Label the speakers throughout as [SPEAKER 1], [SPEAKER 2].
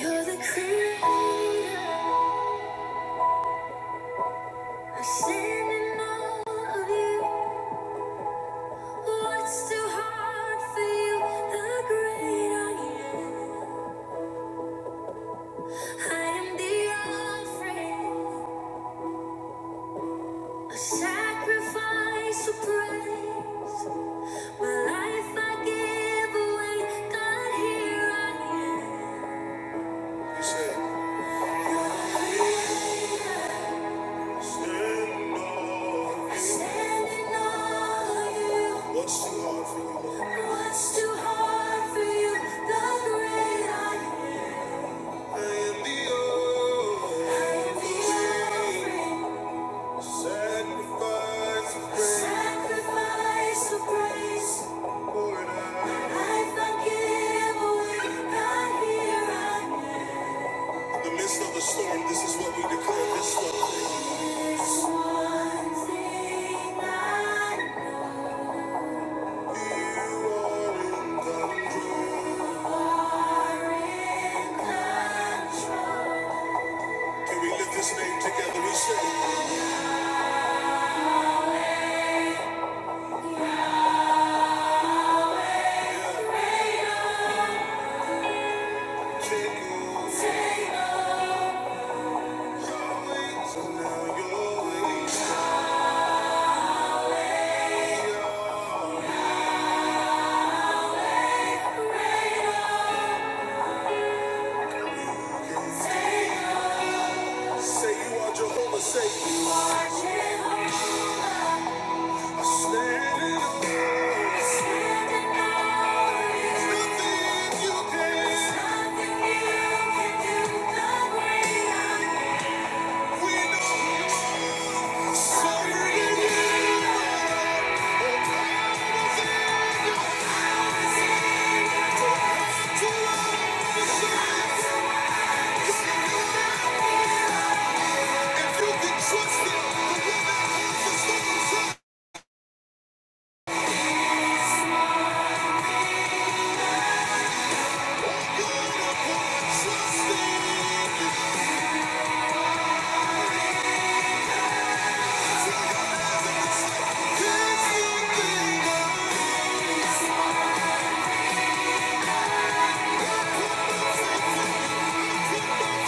[SPEAKER 1] You're the creator. I stand in all of you. What's too hard for you? The great are you. I am the offering, a sacrifice of praise. My life I give away. God, here I am. You're the creator. Standing on you. What's too hard for you, What's too hard for you? The great I am. I am the old. I Sacrifice Sacrifice of praise. For it I I give away, here I am. In the midst of the storm, this is what we declare this one. thing I know. You are in control. Can we lift this name together? We say, Take over. Take over. Say you are Jehovah, say I stand in awe. There's nothing you can. There's nothing you can do. The great I am. We So you are. If you can trust him, the one that holds us from the storms Come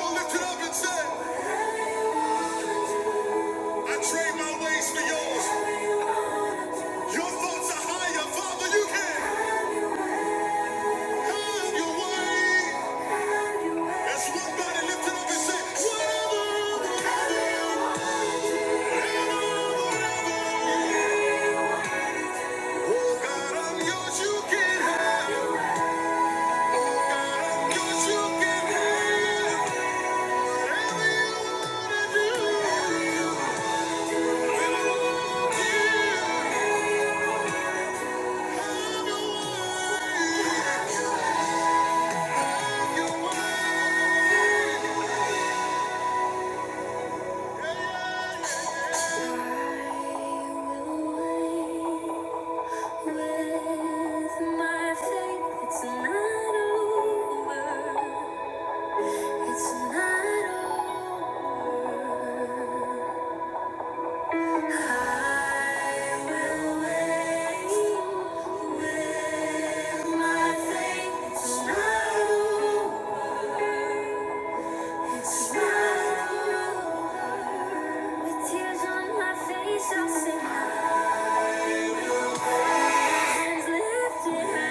[SPEAKER 1] on, lift it up and say, I trade my ways for yours. Your thoughts are higher, Father. You can have your way. As one body lifted up and say, whatever, whatever, whatever. Oh God, I'm yours. You can have. Oh God, I'm yours. You can have. Whatever you wanna do, when I walk in, have your way. Have your way. With tears on my face, I'll sing my hands lifted high.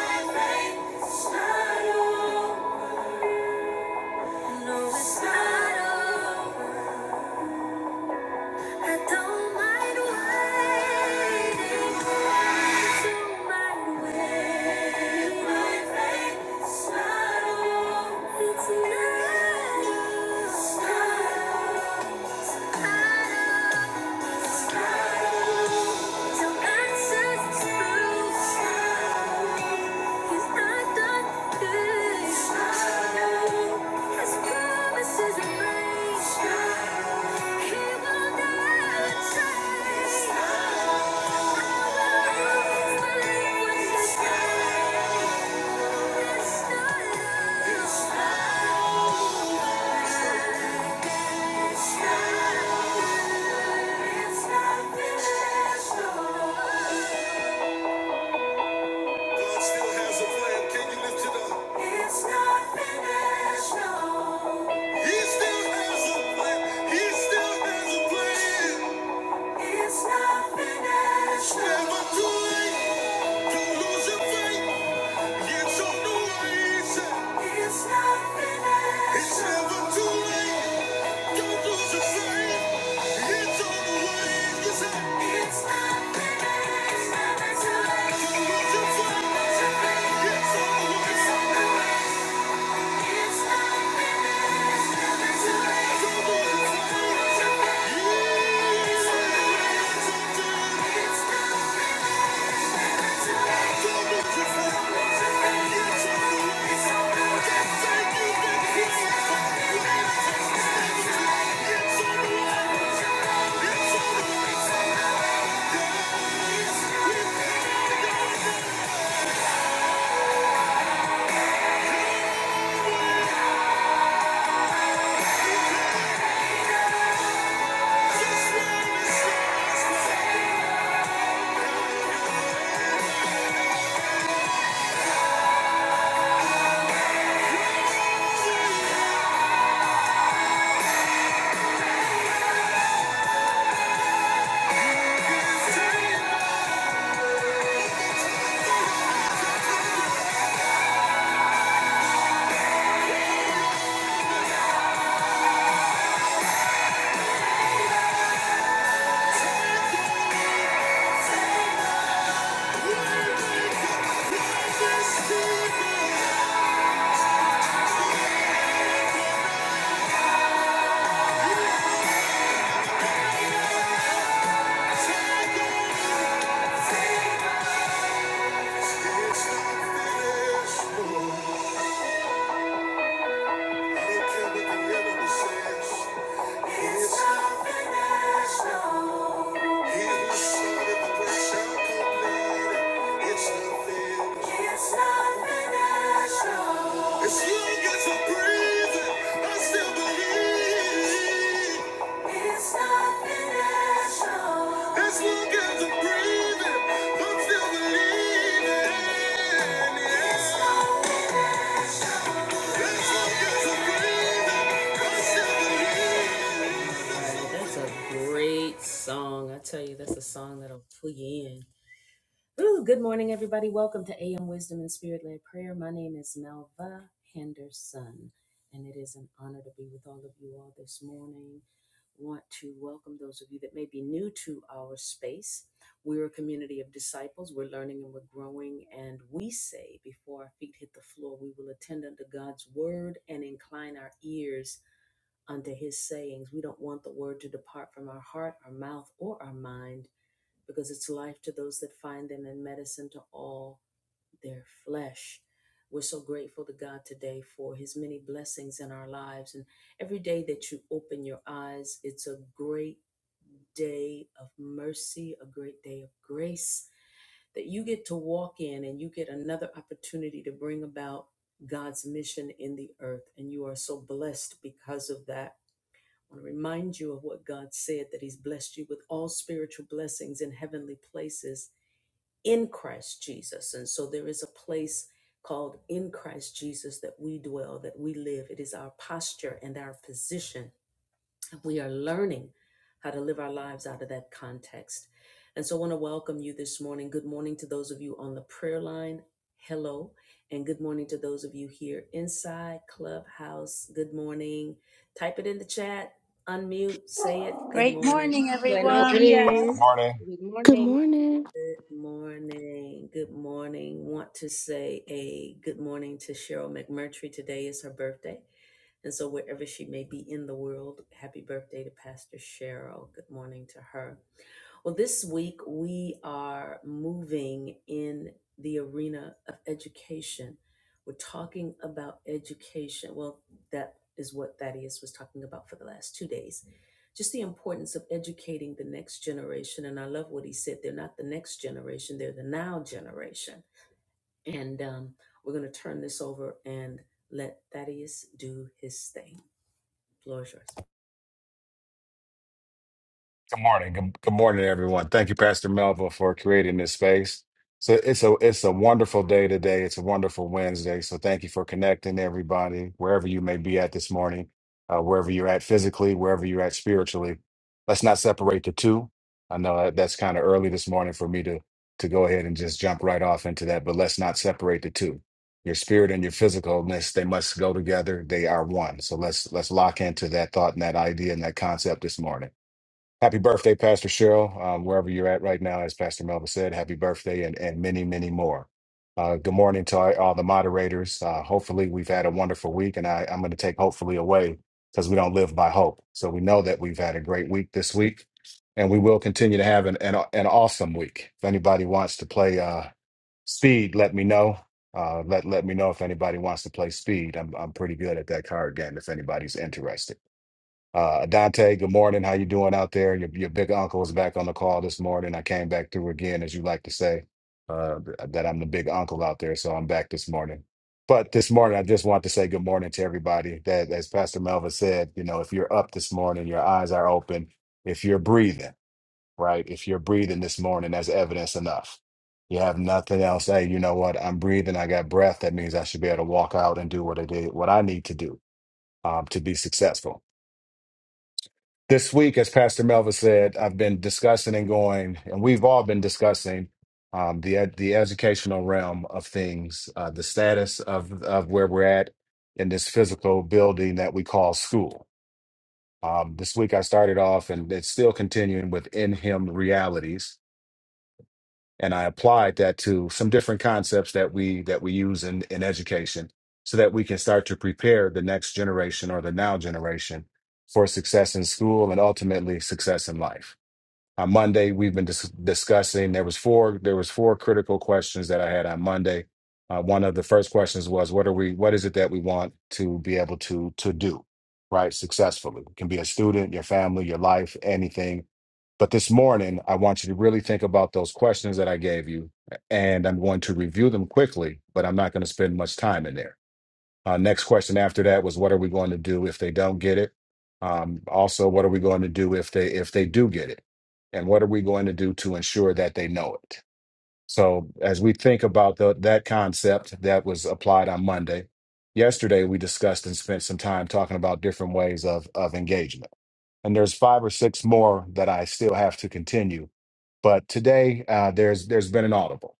[SPEAKER 1] It's not over. Thank you it's never too late. It's over. It's I don't care what the enemy says. It's not finished, no. He who the work complete It's not It's not finished, no. As long as I'm breathing, I still believe. It's not finished, no. As long as I'm breathing, I'm still believing. Yeah. As long as I'm breathing, I still believe. That's a great song. I tell you, that's a song that'll pull you in. Ooh, good morning, everybody. Welcome to AM Wisdom and Spirit Led Prayer. My name is Melva Henderson, and it is an honor to be with all of you all this morning. Want to welcome those of you that may be new to our space. We're a community of disciples. We're learning and we're growing, and we say, before our feet hit the floor, we will attend unto God's word and incline our ears unto his sayings. We don't want the word to depart from our heart, our mouth, or our mind, because it's life to those that find them and medicine to all their flesh. We're so grateful to God today for his many blessings in our lives. And every day that you open your eyes, it's a great day of mercy, a great day of grace that you get to walk in and you get another opportunity to bring about God's mission in the earth. And you are so blessed
[SPEAKER 2] Great morning,
[SPEAKER 3] Good
[SPEAKER 4] Buenos
[SPEAKER 2] everyone.
[SPEAKER 5] Good
[SPEAKER 4] días.
[SPEAKER 3] morning.
[SPEAKER 5] morning.
[SPEAKER 4] Good
[SPEAKER 6] Good
[SPEAKER 4] morning.
[SPEAKER 6] morning.
[SPEAKER 5] Good morning. Good, good morning, everyone. Thank you, Pastor Melville, for creating this space. So it's a it's a wonderful day today. It's a wonderful Wednesday. So thank you for connecting everybody, wherever you may be at this morning, uh, wherever you're at physically, wherever you're at spiritually. Let's not separate the two. I know that that's kind of early this morning for me to to go ahead and just jump right off into that, but let's not separate the two. Your spirit and your physicalness, they must go together. They are one. So let's let's lock into that thought and that idea and that concept this morning. Happy birthday, Pastor Cheryl, um, wherever you're at right now, as Pastor Melvin said, happy birthday and, and many, many more. Uh, good morning to all all the moderators. Uh, hopefully, we've had a wonderful week, and I, I'm going to take hopefully away because we don't live by hope. So we know that we've had a great week this week, and we will continue to have an, an, an awesome week. If anybody wants to play uh, speed, let me know. Uh, let let me know if anybody wants to play speed. I'm I'm pretty good at that card game. If anybody's interested. Uh, Dante, good morning. How you doing out there? Your your big uncle is back on the call this morning. I came back through again, as you like to say, uh, th- uh, that I'm the big uncle out there, so I'm back this morning. But this morning, I just want to say good morning to everybody. That, as Pastor Melva said, you know, if you're up this morning, your eyes are open. If you're breathing, right? If you're breathing this morning, that's evidence enough. You have nothing else. Hey, you know what? I'm breathing. I got breath. That means I should be able to walk out and do what I did, what I need to do um, to be successful this week, as Pastor Melva said, I've been discussing and going, and we've all been discussing um, the ed- the educational realm of things, uh, the status of of where we're at in this physical building that we call school. Um, this week, I started off, and it's still continuing with in Him realities, and I applied that to some different concepts that we that we use in in education, so that we can start to prepare the next generation or the now generation for success in school and ultimately success in life on Monday we've been dis- discussing. There was four there was four critical questions that I had on Monday. Uh, one of the first questions was what are we what is it that we want to be able to to do right successfully? It can be a student, your family, your life, anything. But this morning I want you to really think about those questions that I gave you, and I'm going to review them quickly. But I'm not going to spend much time in there. Uh, next question after that was, what are we going to do if they don't get it? Um, also, what are we going to do if they if they do get it? And what are we going to do to ensure that they know it? So as we think about the, that concept that was applied on Monday, yesterday we discussed and spent some time talking about different ways of of engagement. And there's five or six more that I still have to continue. But today uh, there's there's been an audible.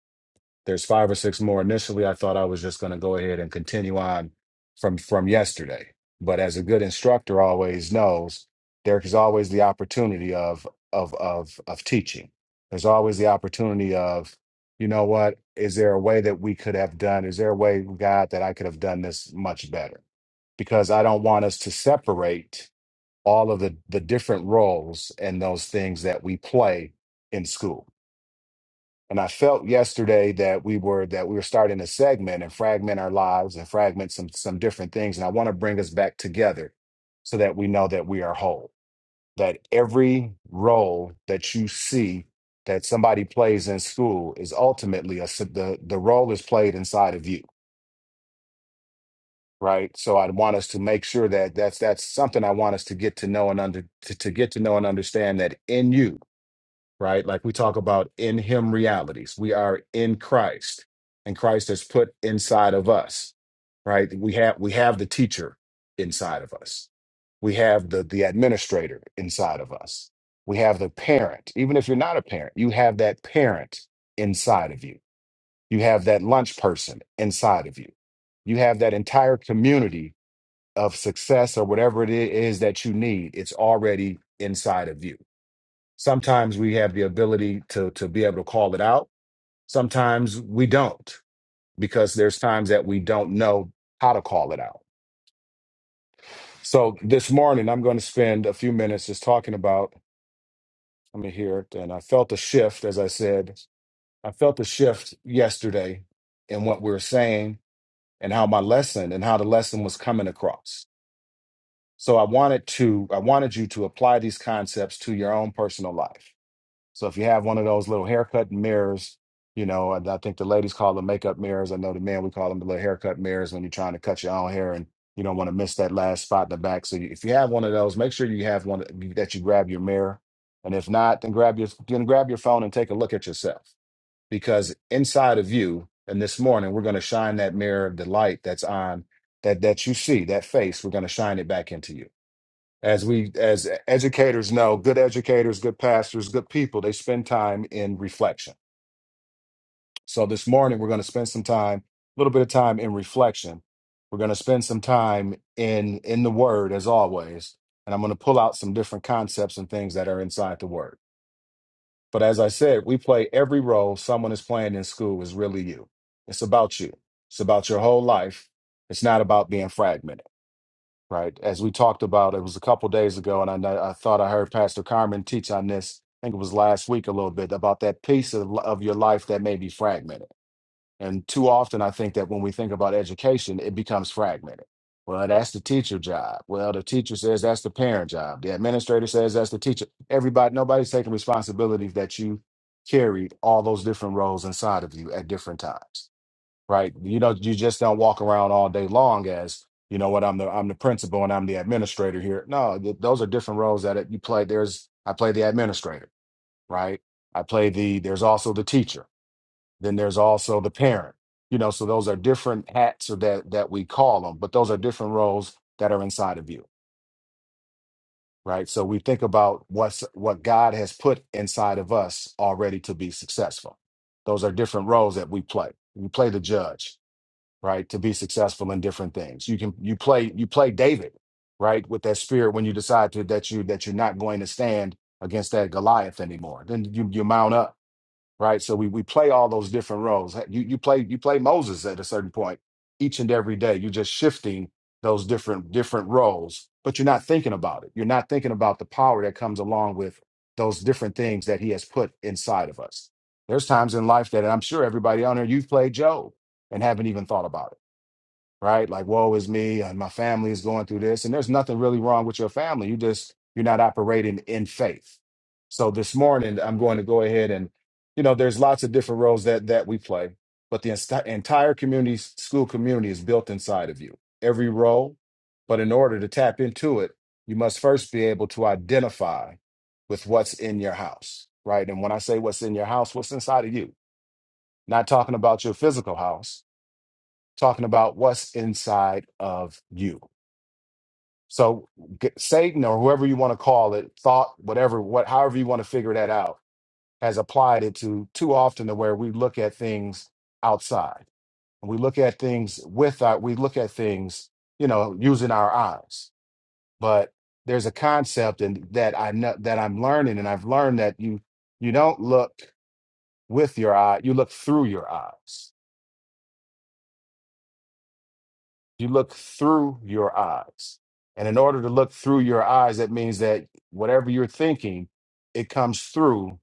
[SPEAKER 5] There's five or six more. Initially, I thought I was just going to go ahead and continue on from from yesterday. But as a good instructor always knows, there is always the opportunity of of of of teaching. There's always the opportunity of, you know what, is there a way that we could have done? Is there a way, God, that I could have done this much better? Because I don't want us to separate all of the the different roles and those things that we play in school and I felt yesterday that we were that we were starting to segment and fragment our lives and fragment some some different things. And I want to bring us back together so that we know that we are whole. That every role that you see that somebody plays in school is ultimately a s- the the role is played inside of you, right? So I want us to make sure that that's that's something I want us to get to know and under to, to get to know and understand that in you right? Like we talk about in him realities. We are in Christ, and Christ has put inside of us, right? We have we have the teacher inside of us. We have the the administrator inside of us. We have the parent. Even if you're not a parent, you have that parent inside of you. You have that lunch person inside of you. You have that entire community of success or whatever it is that you need. It's already inside of you Sometimes we have the ability to to be able to call it out. Sometimes we don't because there's times that we don't know how to call it out. So this morning I'm going to spend a few minutes just talking about let me hear it. And I felt a shift, as I said, I felt a shift yesterday in what we were saying and how my lesson and how the lesson was coming across. So I wanted to I wanted you to apply these concepts to your own personal life. So if you have one of those little haircut mirrors, you know, and I think the ladies call them makeup mirrors. I know the men we call them the little haircut mirrors when you're trying to cut your own hair and you don't want to miss that last spot in the back. So you- if you have one of those, make sure you have one that you grab your mirror. And if not, then grab your then grab your phone and take a look at yourself because inside of you, and this morning we're going to shine that mirror of the light that's on that that you see that face. We're going to shine it back into you as we as educators know good educators good pastors good people they spend time in reflection so this morning we're going to spend some time a little bit of time in reflection we're going to spend some time in in the word as always and i'm going to pull out some different concepts and things that are inside the word but as i said we play every role someone is playing in school is really you it's about you it's about your whole life it's not about being fragmented right? As we talked about, it was a couple days ago, and I know, I thought I heard Pastor Carmen teach on this. I think it was last week a little bit about that piece of li- of your life that may be fragmented. And too often, I think that when we think about education, it becomes fragmented. Well, that's the teacher job. Well, the teacher says that's the parent job. The administrator says that's the teacher. Everybody, nobody's taking responsibility that you carried all those different roles inside of you at different times right? You know, you just don't walk around all day long as you know what I'm the I'm the principal and I'm the administrator here. No, th- those are different roles that it, you play. There's I play the administrator, right? I play the there's also the teacher. Then there's also the parent. You know, so those are different hats or that that we call them, but those are different roles that are inside of you, right? So we think about what's what God has put inside of us already to be successful. Those are different roles that we play. We play the judge right to be successful in different things you can you play you play david right with that spirit when you decide to that you that you're not going to stand against that goliath anymore then you you mount up right so we we play all those different roles you you play you play moses at a certain point each and every day you're just shifting those different different roles but you're not thinking about it you're not thinking about the power that comes along with those different things that he has put inside of us there's times in life that and i'm sure everybody on here you've played job and haven't even thought about it right? Like, woe is me, and my family is going through this. And there's nothing really wrong with your family. You just, you're not operating in faith. So this morning, I'm going to go ahead and, you know, there's lots of different roles that that we play, but the enti- entire community, school community is built inside of you, every role. But in order to tap into it, you must first be able to identify with what's in your house, right? And when I say what's in your house, what's inside of you? Not talking about your physical house, talking about what's inside of you. So get, Satan or whoever you want to call it, thought, whatever, what, however you want to figure that out, has applied it to too often to where we look at things outside and we look at things with our, we look at things, you know, using our eyes. But there's a concept and that I know that I'm learning, and I've learned that you you don't look with your eye, you look through your eyes. you look through your eyes. And in order to look through your eyes, that means that whatever you're thinking, it comes through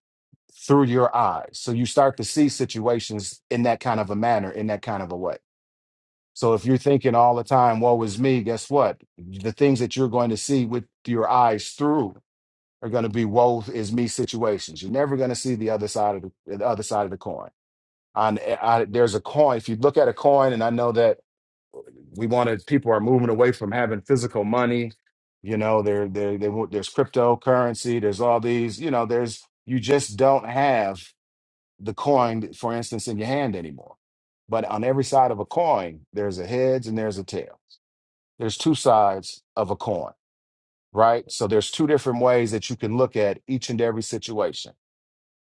[SPEAKER 5] through your eyes. So you start to see situations in that kind of a manner, in that kind of a way. So if you're thinking all the time, woe is me, guess what? The things that you're going to see with your eyes through are going to be woe is me situations. You're never going to see the other side of the, the other side of the coin. On, eh, I, there's a coin. If you look at a coin, and I know that we wanted people are moving away from having physical money you know there there they want there's cryptocurrency there's all these you know there's you just don't have the coin for instance in your hand anymore but on every side of a coin there's a heads and there's a tail there's two sides of a coin right so there's two different ways that you can look at each and every situation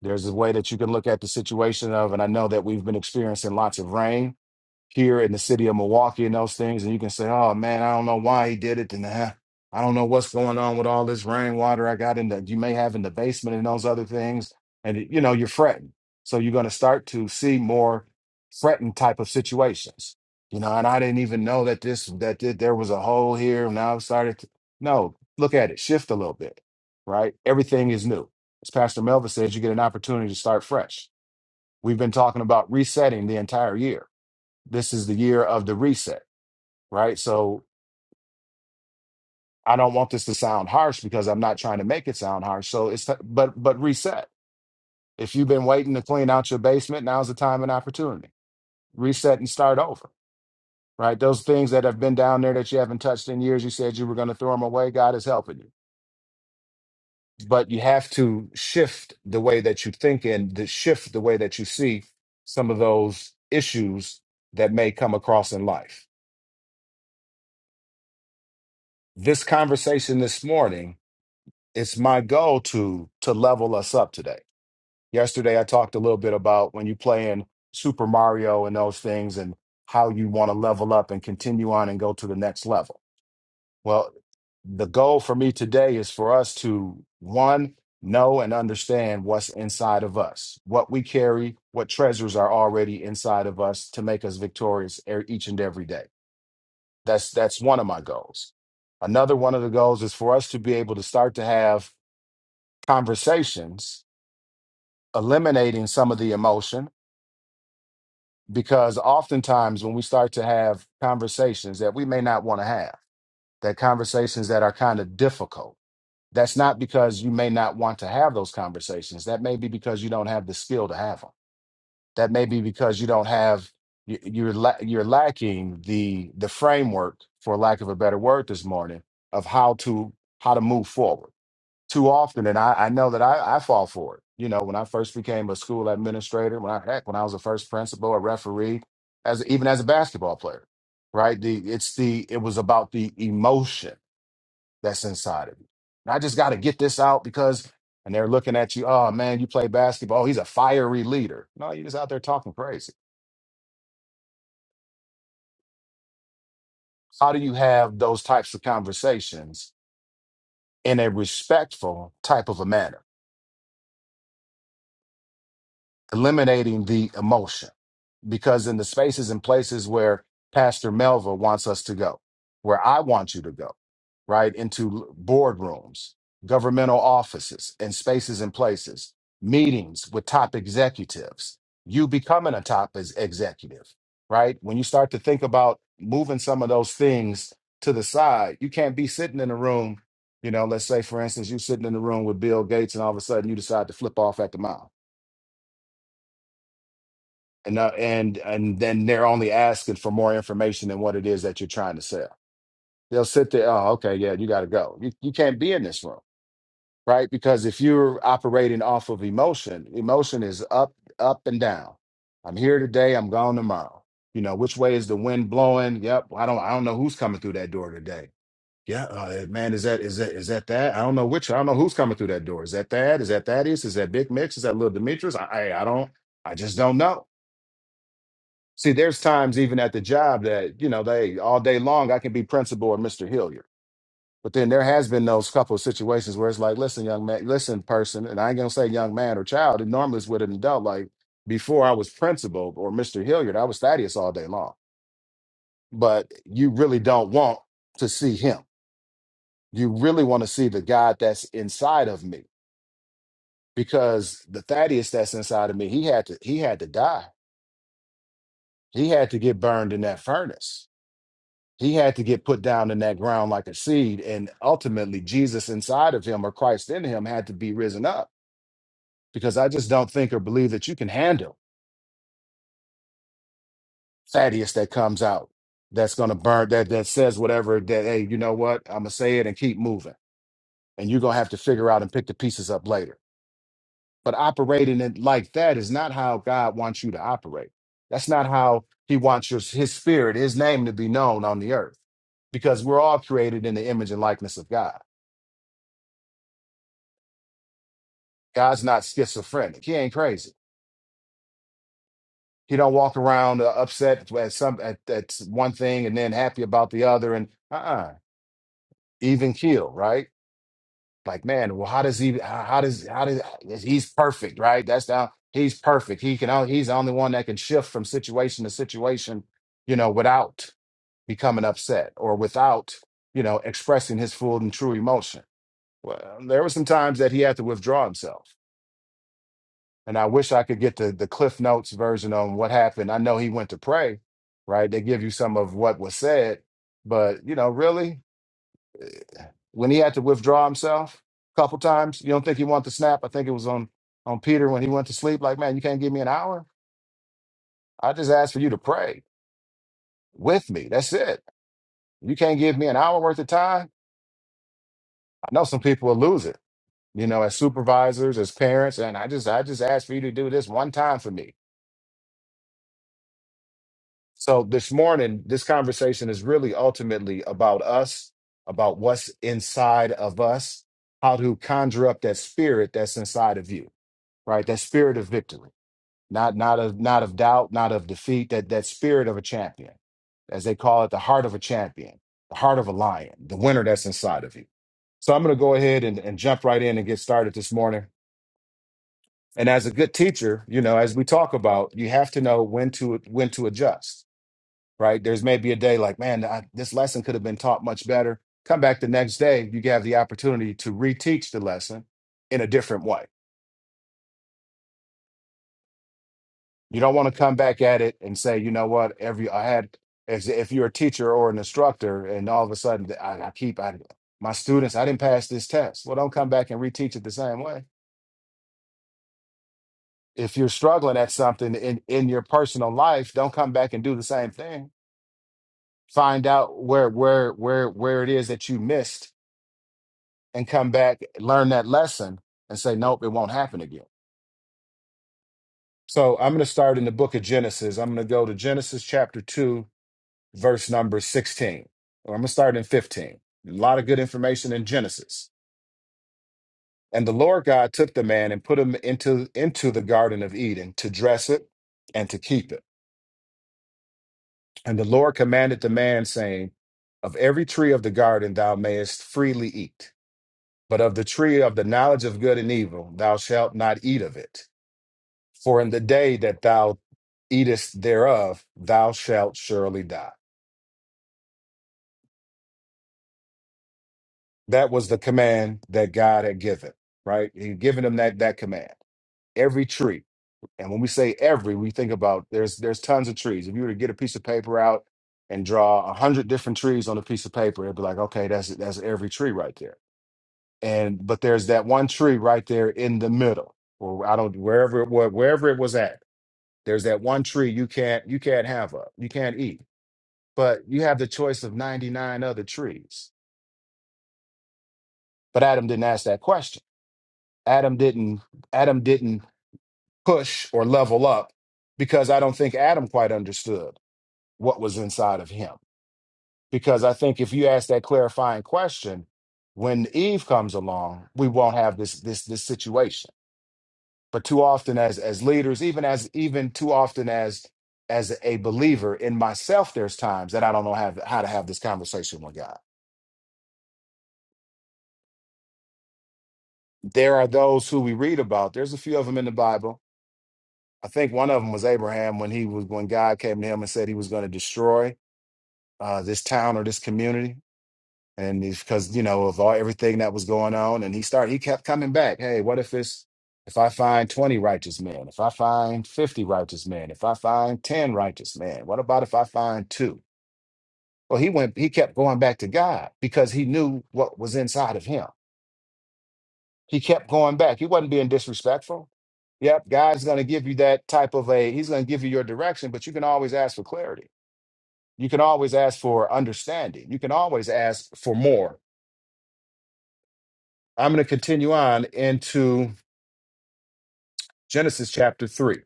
[SPEAKER 5] there's a way that you can look at the situation of and i know that we've been experiencing lots of rain here in the city of Milwaukee and those things, and you can say, "Oh man, I don't know why he did it," and uh, I don't know what's going on with all this rainwater I got in the you may have in the basement and those other things, and you know you're fretting, so you're going to start to see more fretting type of situations, you know. And I didn't even know that this that th- there was a hole here. Now I've started to no look at it, shift a little bit, right? Everything is new. As Pastor Melvin says, you get an opportunity to start fresh. We've been talking about resetting the entire year this is the year of the reset, right? So I don't want this to sound harsh because I'm not trying to make it sound harsh. So it's but but reset. If you've been waiting to clean out your basement, now's the time and opportunity. Reset and start over, right? Those things that have been down there that you haven't touched in years, you said you were going to throw them away. God is helping you, but you have to shift the way that you think and the shift the way that you see some of those issues that may come across in life. This conversation this morning it's my goal to to level us up today. Yesterday I talked a little bit about when you play in Super Mario and those things and how you want to level up and continue on and go to the next level. Well, the goal for me today is for us to one know and understand what's inside of us, what we carry, what treasures are already inside of us to make us victorious e- each and every day. That's that's one of my goals. Another one of the goals is for us to be able to start to have conversations, eliminating some of the emotion, because oftentimes when we start to have conversations that we may not want to have, that conversations that are kind of difficult, that's not because you may not want to have those conversations. That may be because you don't have the skill to have them. That may be because you don't have you- you're la- you're lacking the the framework, for lack of a better word, this morning of how to how to move forward too often. And I, I know that I, I fall for it. You know, when I first became a school administrator, when I heck, when I was a first principal, a referee, as even as a basketball player, right? The it's the it was about the emotion that's inside of you. And I just got to get this out because, and they're looking at you. Oh man, you play basketball. He's a fiery leader. No, you're just out there talking crazy. How do you have those types of conversations in a respectful type of a manner, eliminating the emotion? because in the spaces and places where Pastor Melva wants us to go, where I want you to go, right? Into boardrooms, governmental offices, and spaces and places, meetings with top executives, you becoming a top ex- executive, right? When you start to think about moving some of those things to the side, you can't be sitting in a room. You know, let's say, for instance, you sitting in the room with Bill Gates, and all of a sudden you decide to flip off at the mouth and uh, and and then they're only asking for more information than what it is that you're trying to sell. They'll sit there. Oh, okay, yeah, you got to go. You you can't be in this room, right? Because if you're operating off of emotion, emotion is up up and down. I'm here today. I'm gone tomorrow. You know which way is the wind blowing? Yep. I don't I don't know who's coming through that door today. Yeah, uh, man, is that is that is that that? I don't know which. I don't know who's coming through that door. Is that that? Is that that is? Is that Big Mix? Is that Little Demetrius? I I I don't. I just don't know See, there's times even at the job that, you know, they all day long I can be principal or Mr. Hilliard. But then there has been those couple of situations where it's like, listen, young man, listen, person, and I ain't gonna say young man or child, it normally is with an adult. Like before I was principal or Mr. Hilliard, I was Thaddeus all day long. But you really don't want to see him. You really want to see the God that's inside of me. Because the Thaddeus that's inside of me, he had to he had to die. He had to get burned in that furnace he had to get put down in that ground like a seed and ultimately jesus inside of him or christ in him had to be risen up because i just don't think or believe that you can handle thaddeus that comes out that's going to burn that that says whatever that hey you know what i'm going to say it and keep moving and you're going to have to figure out and pick the pieces up later but operating it like that is not how god wants you to operate that's not how he wants your, his spirit his name to be known on the earth because we're all created in the image and likeness of god God's not schizophrenic. He ain't crazy. He don't walk around uh, upset at some at, at one thing and then happy about the other and uh-uh, even keel, right? Like man, well, how does he? How how does how does he's perfect, right? That's now he's perfect. He can on- he's the only one that can shift from situation to situation, you know, without becoming upset or without you know expressing his full and true emotion. Well, there were some times that he had to withdraw himself and I wish I could get the the Cliff Notes version on what happened. I know he went to pray, right? They give you some of what was said, but you know, really, when he had to withdraw himself a couple times, you don't think he wanted to snap? I think it was on on Peter when he went to sleep. Like, man, you can't give me an hour. I just asked for you to pray with me. That's it. You can't give me an hour worth of time. I know some people will lose it. You know, as supervisors, as parents, and I just I just asked for you to do this one time for me So this morning, this conversation is really ultimately about us, about what's inside of us, how to conjure up that spirit that's inside of you, right? That spirit of victory, not not of not of doubt, not of defeat, that that spirit of a champion, as they call it, the heart of a champion, the heart of a lion, the winner that's inside of you. So I'm going to go ahead and, and jump right in and get started this morning. And as a good teacher, you know, as we talk about, you have to know when to when to adjust right? There's maybe a day like, man, I, this lesson could have been taught much better. Come back the next day, you have the opportunity to reteach the lesson in a different way. You don't want to come back at it and say, you know what, every I had, as if you're a teacher or an instructor, and all of a sudden I, I keep I, my students, I didn't pass this test. Well, don't come back and reteach it the same way. If you're struggling at something in in your personal life, don't come back and do the same thing. Find out where where where where it is that you missed and come back, learn that lesson, and say, nope, it won't happen again. So I'm going to start in the book of Genesis. I'm going to go to Genesis chapter 2, verse number 16, or I'm going to start in 15. A lot of good information in Genesis. And the Lord God took the man and put him into, into the Garden of Eden to dress it and to keep it. And the Lord commanded the man, saying, Of every tree of the garden thou mayest freely eat, but of the tree of the knowledge of good and evil thou shalt not eat of it. For in the day that thou eatest thereof, thou shalt surely die. That was the command that God had given, right? He'd given them that that command. Every tree. And when we say every, we think about there's there's tons of trees. If you were to get a piece of paper out and draw a hundred different trees on a piece of paper, it'd be like, okay, that's that's every tree right there. And but there's that one tree right there in the middle, or I don't wherever it was, wherever it was at. There's that one tree you can't you can't have up, you can't eat but you have the choice of 99 other trees but adam didn't ask that question adam didn't adam didn't push or level up because i don't think adam quite understood what was inside of him because i think if you ask that clarifying question when eve comes along we won't have this this this situation but too often as as leaders even as even too often as as a believer in myself there's times that i don't know how, how to have this conversation with god there are those who we read about. There's a few of them in the Bible. I think one of them was Abraham when he was when God came to him and said he was going to destroy uh, this town or this community, and it's because you know of all everything that was going on, and he started he kept coming back. Hey, what if it's if I find twenty righteous men? If I find fifty righteous men? If I find ten righteous men? What about if I find two? Well, he went he kept going back to God because he knew what was inside of him He kept going back. He wasn't being disrespectful. Yep, God's going to give you that type of a, he's going to give you your direction, but you can always ask for clarity. You can always ask for understanding. You can always ask for more. I'm going to continue on into Genesis chapter 3.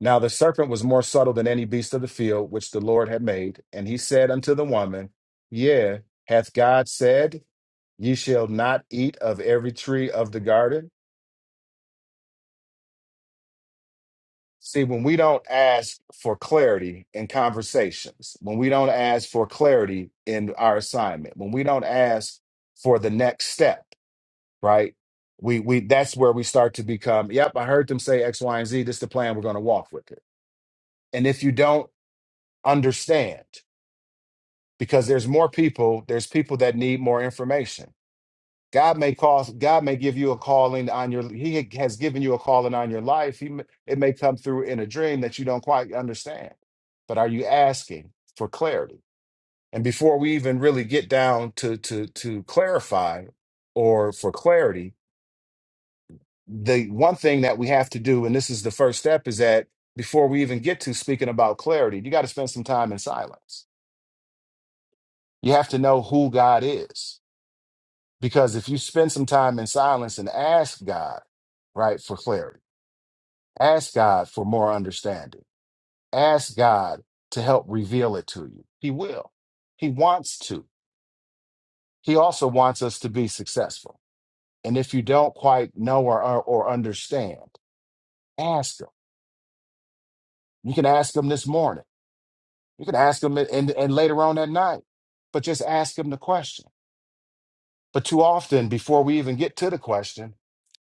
[SPEAKER 5] Now the serpent was more subtle than any beast of the field which the Lord had made. And he said unto the woman, Yea, hath God said, Ye shall not eat of every tree of the garden? See, when we don't ask for clarity in conversations, when we don't ask for clarity in our assignment, when we don't ask for the next step, right? We we that's where we start to become, yep, I heard them say X, Y, and Z, this is the plan, we're gonna walk with it. And if you don't understand, because there's more people, there's people that need more information God may cause God may give you a calling on your he has given you a calling on your life. He may, it may come through in a dream that you don't quite understand. But are you asking for clarity? And before we even really get down to to to clarify or for clarity, the one thing that we have to do and this is the first step is that before we even get to speaking about clarity, you got to spend some time in silence. You have to know who God is Because if you spend some time in silence and ask God, right, for clarity, ask God for more understanding, ask God to help reveal it to you, He will. He wants to. He also wants us to be successful. And if you don't quite know or, or, or understand, ask Him. You can ask Him this morning, you can ask Him and, and later on at night, but just ask Him the question. But too often, before we even get to the question,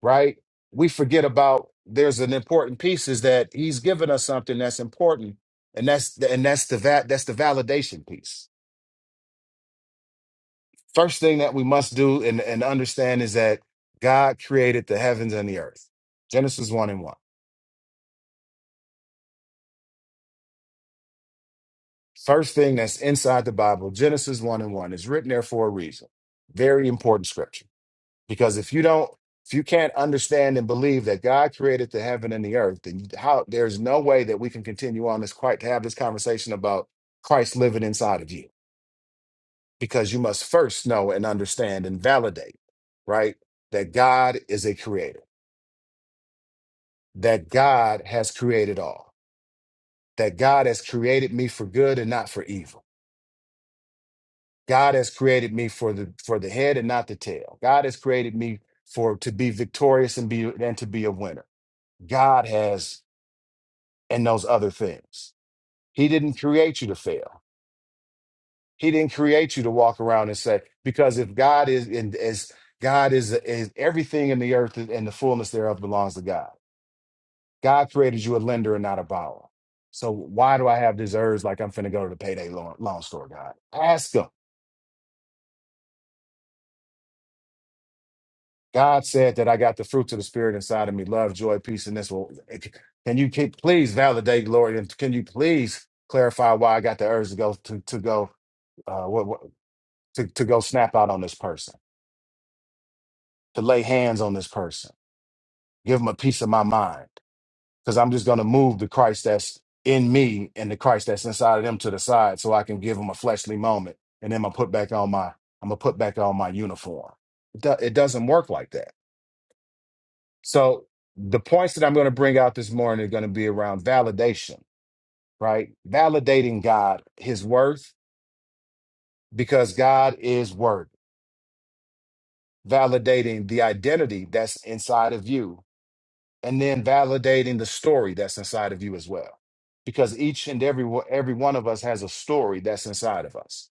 [SPEAKER 5] right? We forget about there's an important piece is that he's given us something that's important, and that's the, and that's the va- that's the validation piece. First thing that we must do and, and understand is that God created the heavens and the earth. Genesis one and one. First thing that's inside the Bible, Genesis one and one, is written there for a reason. Very important scripture Because if you don't, if you can't understand and believe that God created the heaven and the earth, then how there's no way that we can continue on this quite to have this conversation about Christ living inside of you. Because you must first know and understand and validate, right? That God is a creator, that God has created all, that God has created me for good and not for evil. God has created me for the for the head and not the tail. God has created me for to be victorious and be and to be a winner. God has and those other things. He didn't create you to fail. He didn't create you to walk around and say, because if God is and as God is, is everything in the earth and the fullness thereof belongs to God. God created you a lender and not a borrower. So why do I have this urge like I'm finna go to the payday loan, loan store, God? Ask him. God said that I got the fruits of the spirit inside of me, love, joy, peace, and this will can you keep, please validate, Lord, and can you please clarify why I got the urge to go to, to go? Uh, what, what? to, to go snap out on this person, to lay hands on this person, give them a piece of my mind. Because I'm just going to move the Christ that's in me and the Christ that's inside of them to the side so I can give them a fleshly moment. And then I'm gonna put back on my I'm gonna put back on my uniform. It, do- it doesn't work like that. So the points that I'm gonna bring out this morning are gonna be around validation, right? Validating God, his worth, because God is worth validating the identity that's inside of you and then validating the story that's inside of you as well because each and every one- every one of us has a story that's inside of us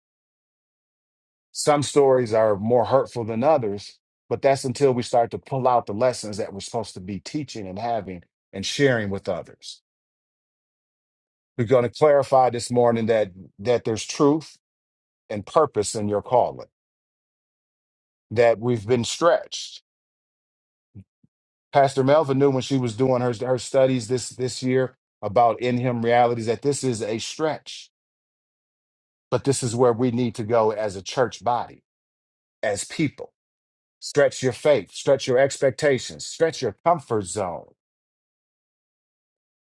[SPEAKER 5] some stories are more hurtful than others but that's until we start to pull out the lessons that we're supposed to be teaching and having and sharing with others we're going to clarify this morning that that there's truth and purpose in your calling that we've been stretched pastor melvin knew when she was doing her, her studies this this year about in him realities that this is a stretch But this is where we need to go as a church body, as people. Stretch your faith, stretch your expectations, stretch your comfort zone,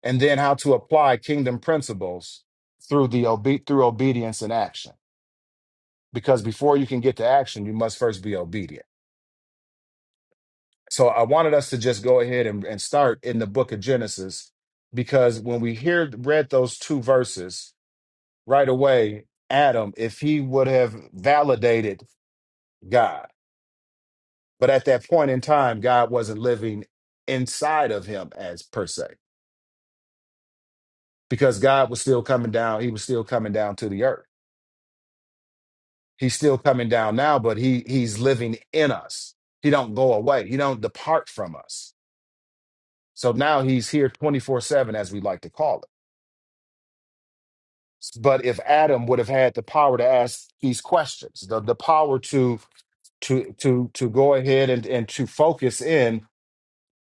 [SPEAKER 5] and then how to apply kingdom principles through the obe- through obedience and action. Because before you can get to action, you must first be obedient. So I wanted us to just go ahead and, and start in the book of Genesis, because when we hear read those two verses right away, Adam, if he would have validated God. But at that point in time, God wasn't living inside of him as per se, because God was still coming down. He was still coming down to the earth. He's still coming down now, but he he's living in us. He don't go away. He don't depart from us. So now he's here 24-7, as we like to call it. But if Adam would have had the power to ask these questions, the, the power to to to to go ahead and, and to focus in,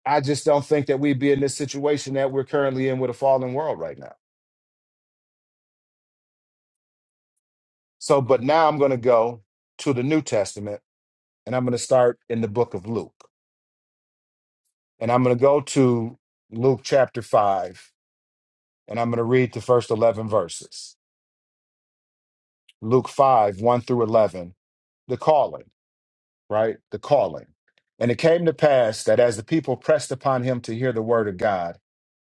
[SPEAKER 5] I just don't think that we'd be in this situation that we're currently in with a fallen world right now. So, but now I'm going to go to the New Testament and I'm going to start in the book of Luke. And I'm going to go to Luke chapter 5 and I'm going to read the first 11 verses. Luke 5, 1 through 11, the calling, right? The calling. And it came to pass that as the people pressed upon him to hear the word of God,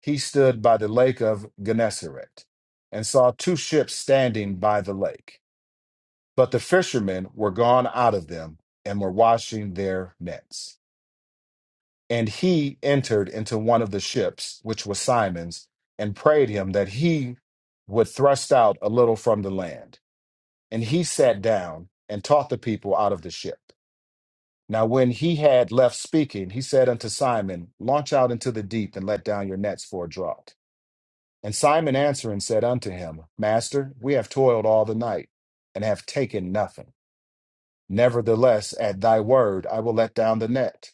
[SPEAKER 5] he stood by the lake of Gennesaret and saw two ships standing by the lake. But the fishermen were gone out of them and were washing their nets. And he entered into one of the ships, which was Simon's, and prayed him that he would thrust out a little from the land. And he sat down and taught the people out of the ship. Now, when he had left speaking, he said unto Simon, Launch out into the deep and let down your nets for a draught. And Simon answering said unto him, Master, we have toiled all the night and have taken nothing. Nevertheless, at thy word, I will let down the net.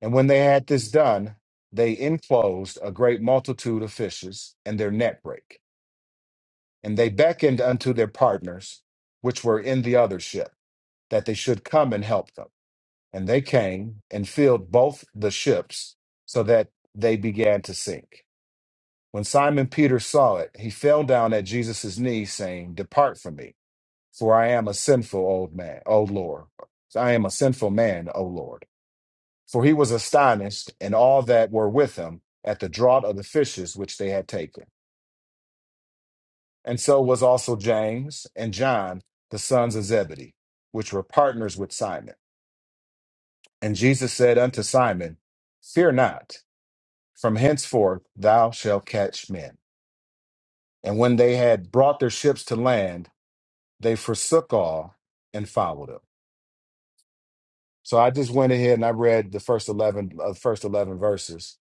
[SPEAKER 5] And when they had this done, they enclosed a great multitude of fishes, and their net brake. And they beckoned unto their partners, which were in the other ship, that they should come and help them. And they came and filled both the ships, so that they began to sink. When Simon Peter saw it, he fell down at Jesus' knees, saying, Depart from me, for I am a sinful old man, O Lord. I am a sinful man, O Lord For he was astonished, and all that were with him, at the draught of the fishes which they had taken. And so was also James and John, the sons of Zebedee, which were partners with Simon. And Jesus said unto Simon, Fear not, from henceforth thou shalt catch men. And when they had brought their ships to land, they forsook all and followed him. So I just went ahead and I read the first 11 uh, first 11 verses.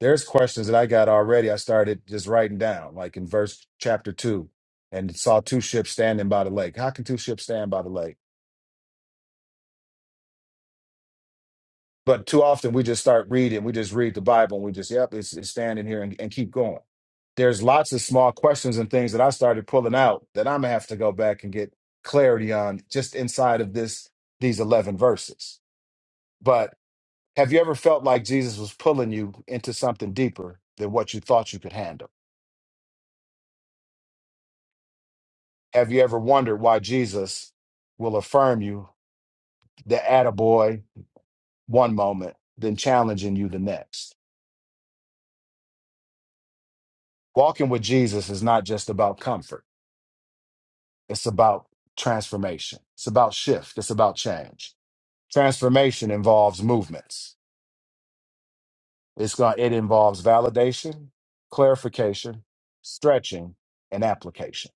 [SPEAKER 5] There's questions that I got already. I started just writing down like in verse chapter 2 and saw two ships standing by the lake. How can two ships stand by the lake? But too often we just start reading, we just read the Bible and we just yep, it's, it's standing here and, and keep going. There's lots of small questions and things that I started pulling out that I'm going to have to go back and get clarity on just inside of this these 11 verses. But Have you ever felt like Jesus was pulling you into something deeper than what you thought you could handle? Have you ever wondered why Jesus will affirm you the attaboy one moment, then challenging you the next? Walking with Jesus is not just about comfort, it's about transformation, it's about shift, it's about change. Transformation involves movements, it's going, it involves validation, clarification, stretching, and application.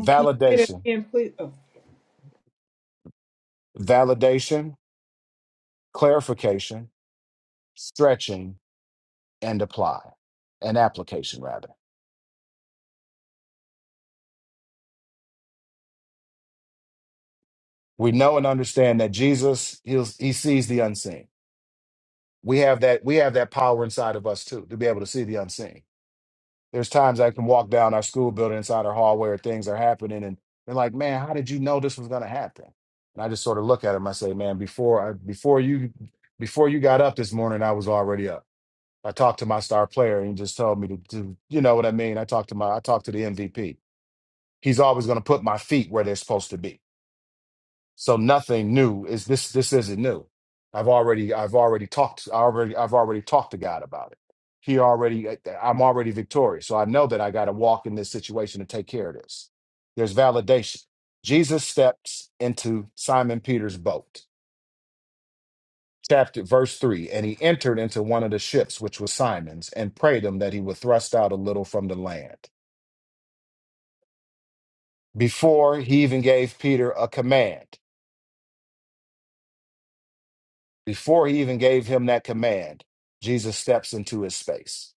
[SPEAKER 5] Validation, validation clarification, stretching, and apply, and application rather. We know and understand that Jesus he'll, he sees the unseen. We have that we have that power inside of us too to be able to see the unseen. There's times I can walk down our school building inside our hallway where things are happening and they're like, man, how did you know this was gonna happen? And I just sort of look at him. I say, man, before I, before you before you got up this morning, I was already up. I talked to my star player and he just told me to, to you know what I mean. I talked to my I talked to the MVP He's always going to put my feet where they're supposed to be. So nothing new is this. This isn't new. I've already, I've already talked. I already, I've already talked to God about it. He already, eh, eh, I'm already victorious. So I know that I got to walk in this situation and take care of this. There's validation. Jesus steps into Simon Peter's boat. Chapter verse three, and he entered into one of the ships, which was Simon's, and prayed him that he would thrust out a little from the land. Before he even gave Peter a command, Before he even gave him that command, Jesus steps into his space.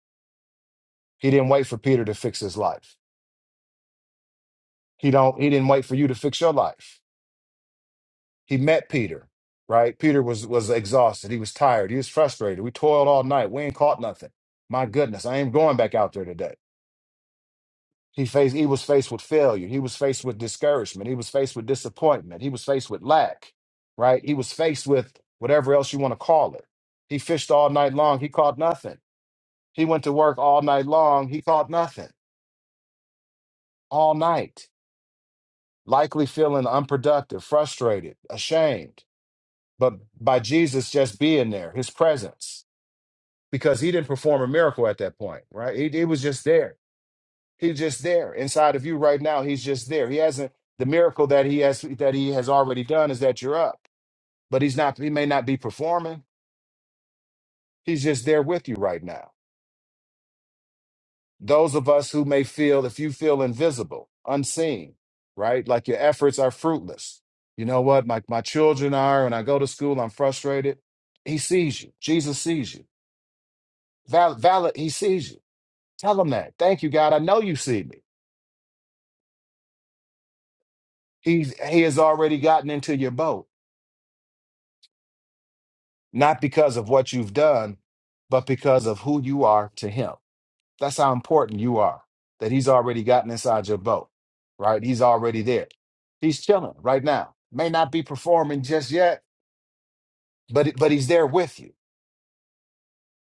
[SPEAKER 5] He didn't wait for Peter to fix his life. He don't he didn't wait for you to fix your life. He met Peter, right? Peter was was exhausted. He was tired. He was frustrated. We toiled all night. We ain't caught nothing. My goodness, I ain't going back out there today. He faced he was faced with failure. He was faced with discouragement. He was faced with disappointment. He was faced with lack, right? He was faced with whatever else you want to call it. He fished all night long. He caught nothing. He went to work all night long. He caught nothing all night, likely feeling unproductive, frustrated, ashamed. But by Jesus just being there, his presence, because he didn't perform a miracle at that point, right? He, he was just there. He's just there inside of you right now. He's just there. He hasn't the miracle that he has that he has already done is that you're up, but he's not. He may not be performing. He's just there with you right now. those of us who may feel if you feel invisible unseen right like your efforts are fruitless you know what my, my children are when i go to school i'm frustrated he sees you jesus sees you Val, valid he sees you tell him that thank you god i know you see me He's, he has already gotten into your boat not because of what you've done but because of who you are to him That's how important you are, that he's already gotten inside your boat, right? He's already there. He's chilling right now. May not be performing just yet, but, but he's there with you.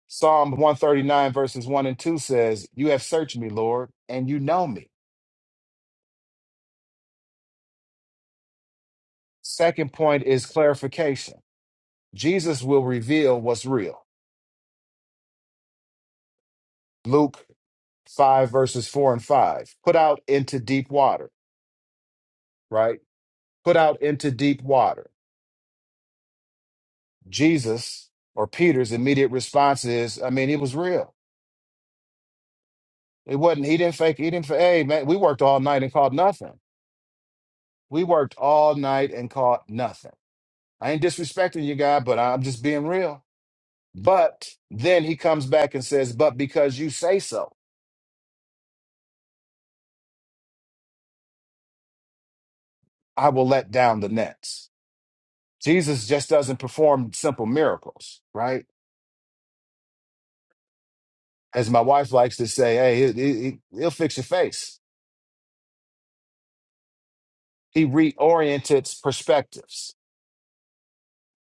[SPEAKER 5] Psalm 139, verses 1 and 2 says, You have searched me, Lord, and you know me. Second point is clarification Jesus will reveal what's real. Luke 5, verses 4 and 5. Put out into deep water, right? Put out into deep water. Jesus or Peter's immediate response is, I mean, it was real. It wasn't, he didn't fake, he didn't, fa- hey, man, we worked all night and caught nothing. We worked all night and caught nothing. I ain't disrespecting you, God, but I'm just being real. But then he comes back and says, but because you say so, I will let down the nets. Jesus just doesn't perform simple miracles, right? As my wife likes to say, hey, he it, it- will fix your face. He reoriented perspectives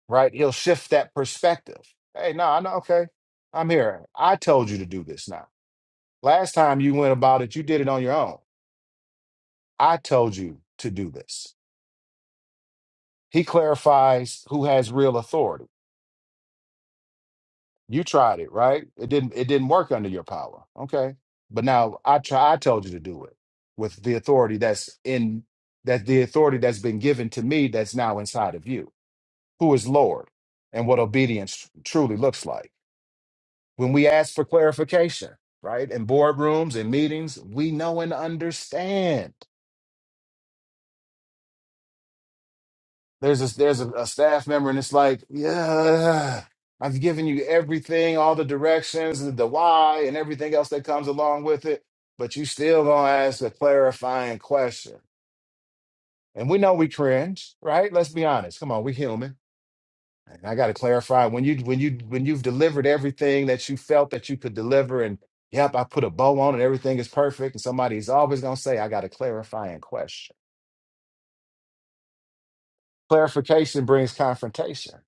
[SPEAKER 5] right? He'll shift that perspective. Hey, no, I know. Okay, I'm here. I told you to do this now. Last time you went about it, you did it on your own. I told you to do this. He clarifies who has real authority. You tried it, right? It didn't. It didn't work under your power. Okay, but now I try. I told you to do it with the authority that's in that the authority that's been given to me that's now inside of you, who is Lord, and what obedience truly looks like. when we ask for clarification, right? In boardrooms and meetings, we know and understand. There's a, there's a, a staff member, and it's like, yeah, I've given you everything, all the directions, the why, and everything else that comes along with it, but you still gonna ask a clarifying question. And we know we cringe, right? Let's be honest. Come on, we human And I got to clarify when you when you when you've delivered everything that you felt that you could deliver, and yep, I put a bow on it. everything is perfect. And somebody's always gonna say, I got to clarify and question. Clarification brings confrontation,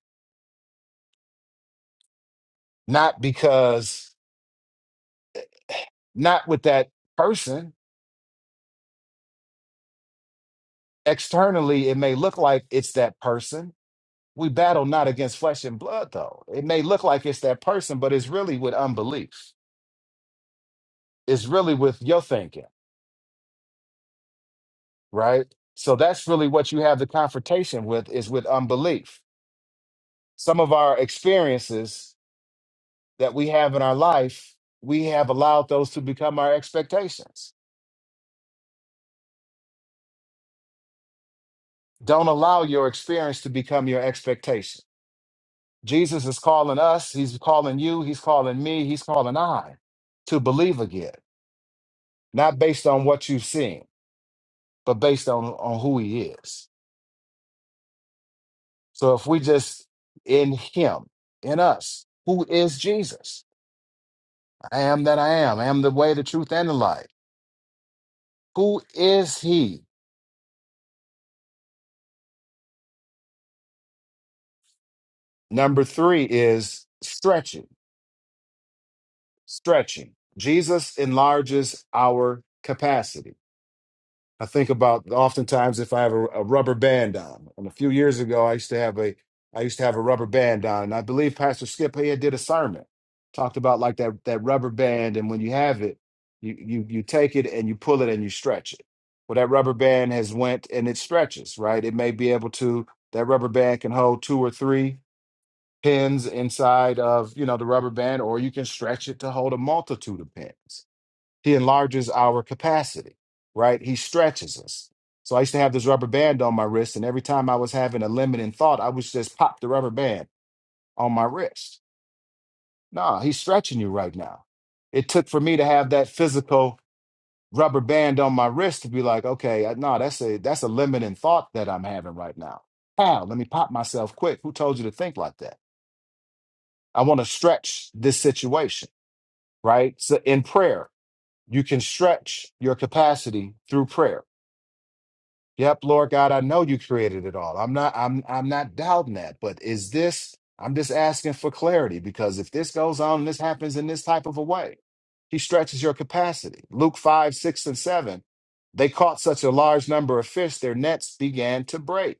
[SPEAKER 5] not because not with that person. Externally, it may look like it's that person. We battle not against flesh and blood, though. It may look like it's that person, but it's really with unbelief. It's really with your thinking right? So that's really what you have the confrontation with is with unbelief. Some of our experiences that we have in our life, we have allowed those to become our expectations. Don't allow your experience to become your expectation. Jesus is calling us, he's calling you, he's calling me, he's calling I to believe again, not based on what you've seen, but based on, on who he is. So if we just in him, in us, who is Jesus? I am that I am. I am the way, the truth, and the life. Who is he? Number three is stretching. Stretching. Jesus enlarges our capacity. I think about oftentimes if I have a, a rubber band on. And a few years ago, I used to have a I used to have a rubber band on, and I believe Pastor Skip he did a sermon talked about like that that rubber band, and when you have it, you you you take it and you pull it and you stretch it. Well, that rubber band has went and it stretches, right? It may be able to that rubber band can hold two or three pins inside of you know the rubber band, or you can stretch it to hold a multitude of pins. He enlarges our capacity, right? He stretches us. So I used to have this rubber band on my wrist, and every time I was having a limiting thought, I would just pop the rubber band on my wrist. Nah, he's stretching you right now. It took for me to have that physical rubber band on my wrist to be like, okay, I- no, that's a that's a limiting thought that I'm having right now. How? Let me pop myself quick. Who told you to think like that? I want to stretch this situation, right? So in prayer, you can stretch your capacity through prayer Yep, Lord God, I know you created it all. I'm not I'm I'm not doubting that, but is this I'm just asking for clarity because if this goes on and this happens in this type of a way, he stretches your capacity. Luke 5, 6, and 7. They caught such a large number of fish, their nets began to break.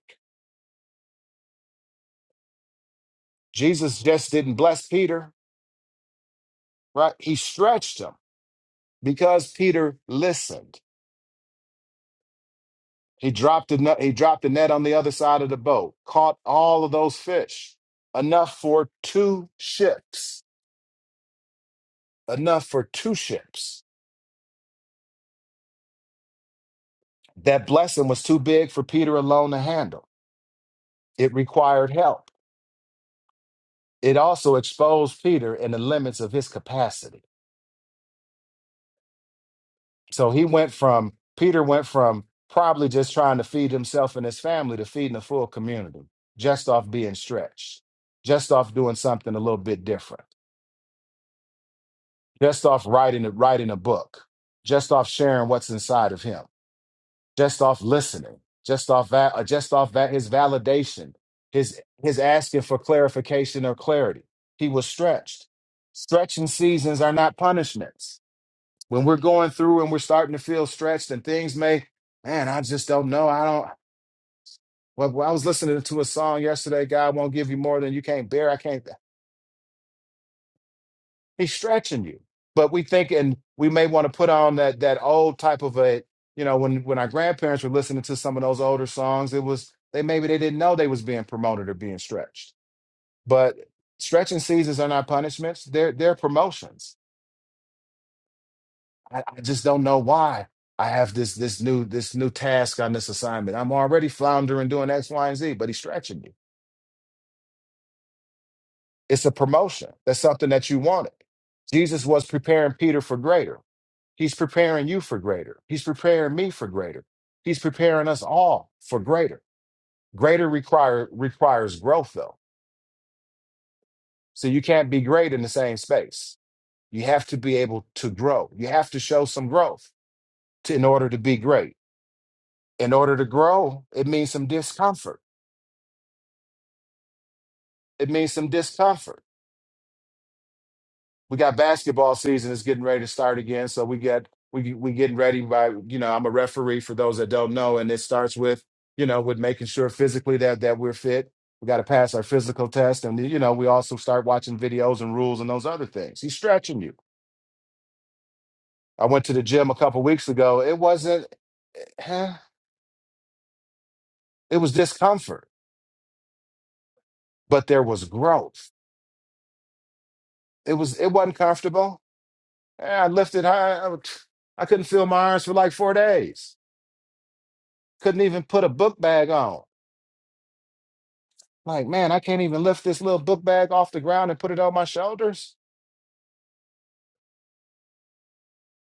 [SPEAKER 5] Jesus just didn't bless Peter, right? He stretched them because Peter listened. He dropped the net, he dropped the net on the other side of the boat, caught all of those fish, enough for two ships, enough for two ships. That blessing was too big for Peter alone to handle. It required help. It also exposed Peter in the limits of his capacity. So he went from Peter went from probably just trying to feed himself and his family to feeding a full community, just off being stretched, just off doing something a little bit different. just off writing writing a book, just off sharing what's inside of him, just off listening, just off that, just off that his validation, his his asking for clarification or clarity. He was stretched. Stretching seasons are not punishments. When we're going through and we're starting to feel stretched and things may, man, I just don't know. I don't. Well, well, I was listening to a song yesterday. God won't give you more than you can't bear. I can't. He's stretching you. But we think, and we may want to put on that that old type of a, you know, when when our grandparents were listening to some of those older songs, it was they maybe they didn't know they was being promoted or being stretched. But stretching seasons are not punishments; they're they're promotions. I, I just don't know why I have this this new this new task on this assignment. I'm already floundering doing X, Y, and Z, but he's stretching you It's a promotion. That's something that you wanted. Jesus was preparing Peter for greater. He's preparing you for greater. He's preparing me for greater. He's preparing us all for greater. Greater require, requires growth, though. So you can't be great in the same space. You have to be able to grow. You have to show some growth to, in order to be great. In order to grow, it means some discomfort. It means some discomfort we got basketball season is getting ready to start again. So we get we we getting ready by you know I'm a referee for those that don't know, and it starts with you know with making sure physically that that we're fit. We got to pass our physical test, and you know we also start watching videos and rules and those other things. He's stretching you. I went to the gym a couple weeks ago. It wasn't. eh, It was discomfort, but there was growth. It was. It wasn't comfortable. Eh, I lifted high. I, I couldn't feel my arms for like four days. Couldn't even put a book bag on Like, man, I can't even lift this little book bag off the ground and put it on my shoulders.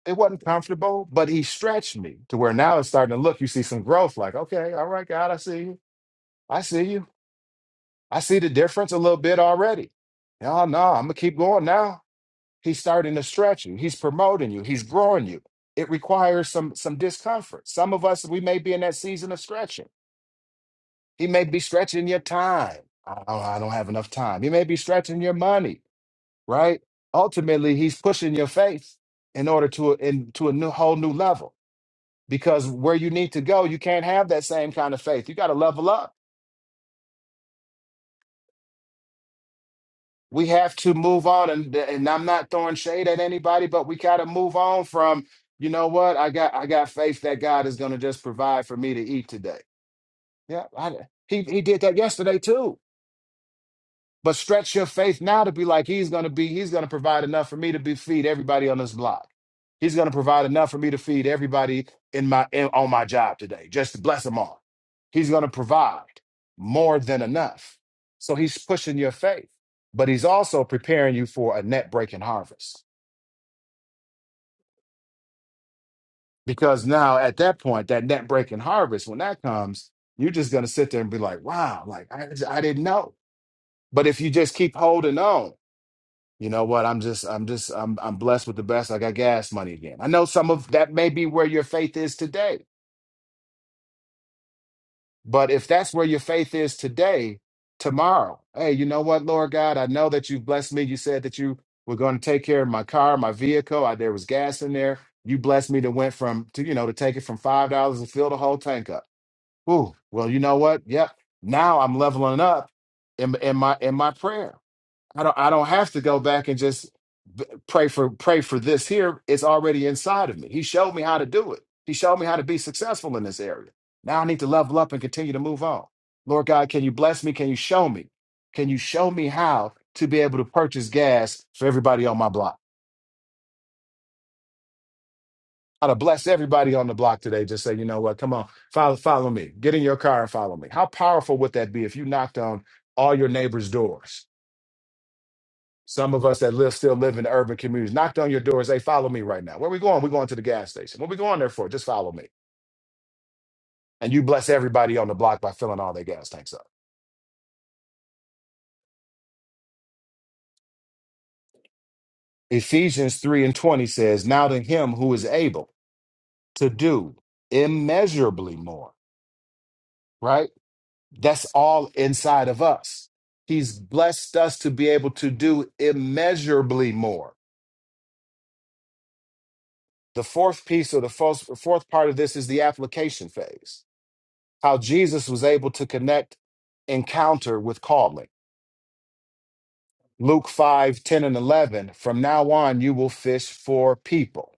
[SPEAKER 5] It wasn't comfortable, but he stretched me to where now it's starting to look, you see some growth. Like, okay, all right, God, I see you. I see you. I see the difference a little bit already. Oh, no, I'm going to keep going now. He's starting to stretch you. He's promoting you. He's growing you. It requires some some discomfort. Some of us, we may be in that season of stretching. He may be stretching your time. I, don't, I don't have enough time. He may be stretching your money. right? Ultimately, he's pushing your faith in order to in, to a new whole new level. Because where you need to go, you can't have that same kind of faith. You got to level up. We have to move on, and and I'm not throwing shade at anybody, but we got to move on from. You know what? I got I got faith that God is going to just provide for me to eat today. Yeah, I, he he did that yesterday too. But stretch your faith now to be like he's going to be. He's going to provide enough for me to be feed everybody on this block. He's going to provide enough for me to feed everybody in my in, on my job today. Just to bless them all. He's going to provide more than enough. So he's pushing your faith, but he's also preparing you for a net breaking harvest. Because now at that point, that net breaking harvest, when that comes, you're just going to sit there and be like, "Wow, like I, I didn't know." But if you just keep holding on You know what? I'm just, I'm just, I'm, I'm blessed with the best. I got gas money again. I know some of that may be where your faith is today, but if that's where your faith is today, tomorrow, hey, you know what, Lord God, I know that you blessed me. You said that you were going to take care of my car, my vehicle. I, there was gas in there. You blessed me to went from to you know to take it from five dollars and fill the whole tank up. Ooh, well, you know what? Yep. Now I'm leveling up in in my in my prayer. I don't I don't have to go back and just b- pray for pray for this here. It's already inside of me. He showed me how to do it. He showed me how to be successful in this area. Now I need to level up and continue to move on. Lord God, can you bless me? Can you show me? Can you show me how to be able to purchase gas for everybody on my block? How to bless everybody on the block today. Just say, you know what? Come on, follow, follow me. Get in your car and follow me. How powerful would that be if you knocked on all your neighbors' doors? Some of us that live still live in urban communities knocked on your doors. Hey, follow me right now. Where we going? We're going to the gas station. What we going there for? Just follow me. And you bless everybody on the block by filling all their gas tanks up. Ephesians 3 and 20 says, Now to him who is able to do immeasurably more, right? That's all inside of us. He's blessed us to be able to do immeasurably more. The fourth piece or the fourth, fourth part of this is the application phase how Jesus was able to connect encounter with calling. Luke 5 10 and 11. From now on, you will fish for people.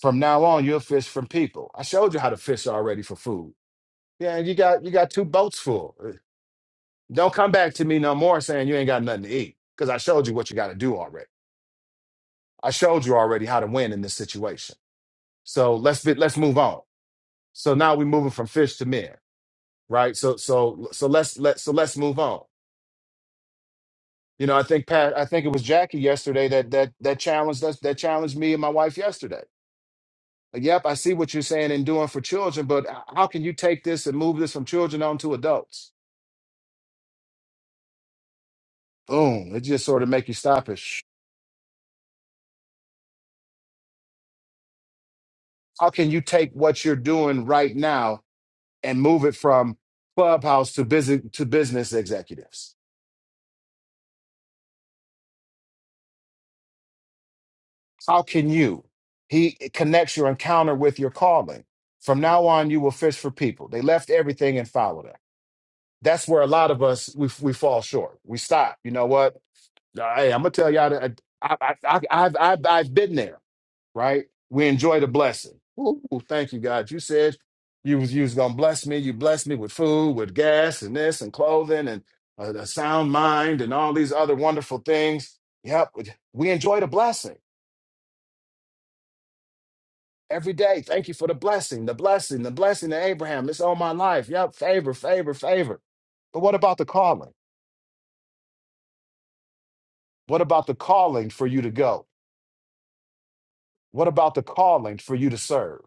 [SPEAKER 5] From now on, you'll fish from people. I showed you how to fish already for food. Yeah, and you got you got two boats full. Uh, Don't come back to me no more saying you ain't got nothing to eat because I showed you what you got to do already. I showed you already how to win in this situation. So let's be, let's move on. So now we're moving from fish to men, right? So so so let's let so let's move on. You know, I think Pat, I think it was Jackie yesterday that that that challenged us, that challenged me and my wife yesterday. Like, yep, I see what you're saying and doing for children, but h- how can you take this and move this from children on to adults? Boom. It just sort of make you stop it. Sh- How can you take what you're doing right now and move it from clubhouse to business to business executives? How can you? He connects your encounter with your calling. From now on, you will fish for people. They left everything and followed him. that's where a lot of us we we fall short. We stop. You know what? Uh, Hey, I'm gonna tell y'all that uh, I, I, I, I've I've I've been there. Right? We enjoy the blessing. Ooh, thank you, God. You said you was you was gonna bless me. You blessed me with food, with gas, and this, and clothing, and a, a sound mind, and all these other wonderful things. Yep, we enjoy the blessing every day. Thank you for the blessing, the blessing, the blessing to Abraham. It's all my life. Yep, favor, favor, favor. But what about the calling? What about the calling for you to go? What about the calling for you to serve?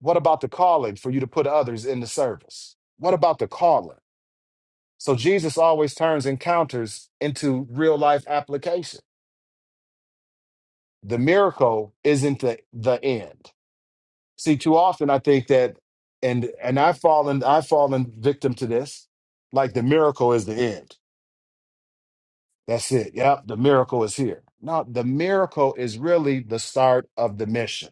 [SPEAKER 5] What about the calling for you to put others in the service? What about the calling? So Jesus always turns encounters into real life application. The miracle isn't the, the end. See, too often I think that, and and I've fallen I've fallen victim to this. Like the miracle is the end. That's it. Yep, the miracle is here. No, the miracle is really the start of the mission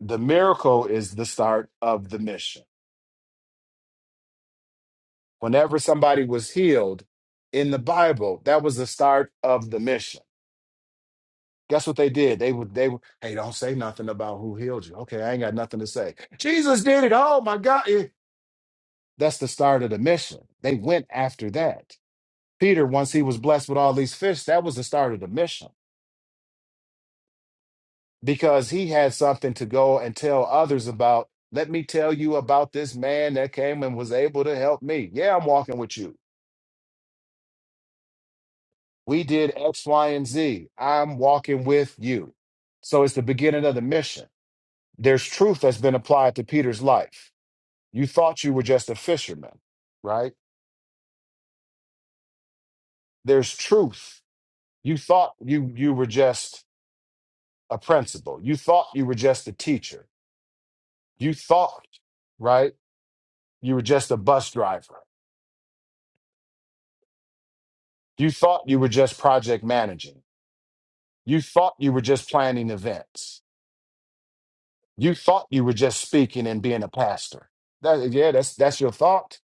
[SPEAKER 5] The miracle is the start of the mission. Whenever somebody was healed in the Bible, that was the start of the mission. Guess what they did? They would, they would, hey, don't say nothing about who healed you. Okay, I ain't got nothing to say. Jesus did it. Oh my God. Eh. That's the start of the mission. They went after that. Peter, once he was blessed with all these fish, that was the start of the mission because he had something to go and tell others about. Let me tell you about this man that came and was able to help me. Yeah, I'm walking with you. We did X, Y, and Z. I'm walking with you. So it's the beginning of the mission. There's truth that's been applied to Peter's life. You thought you were just a fisherman, right? There's truth. You thought you you were just a principal. You thought you were just a teacher. You thought, right? You were just a bus driver. You thought you were just project managing. You thought you were just planning events You thought you were just speaking and being a pastor. That, yeah, that's that's your thought.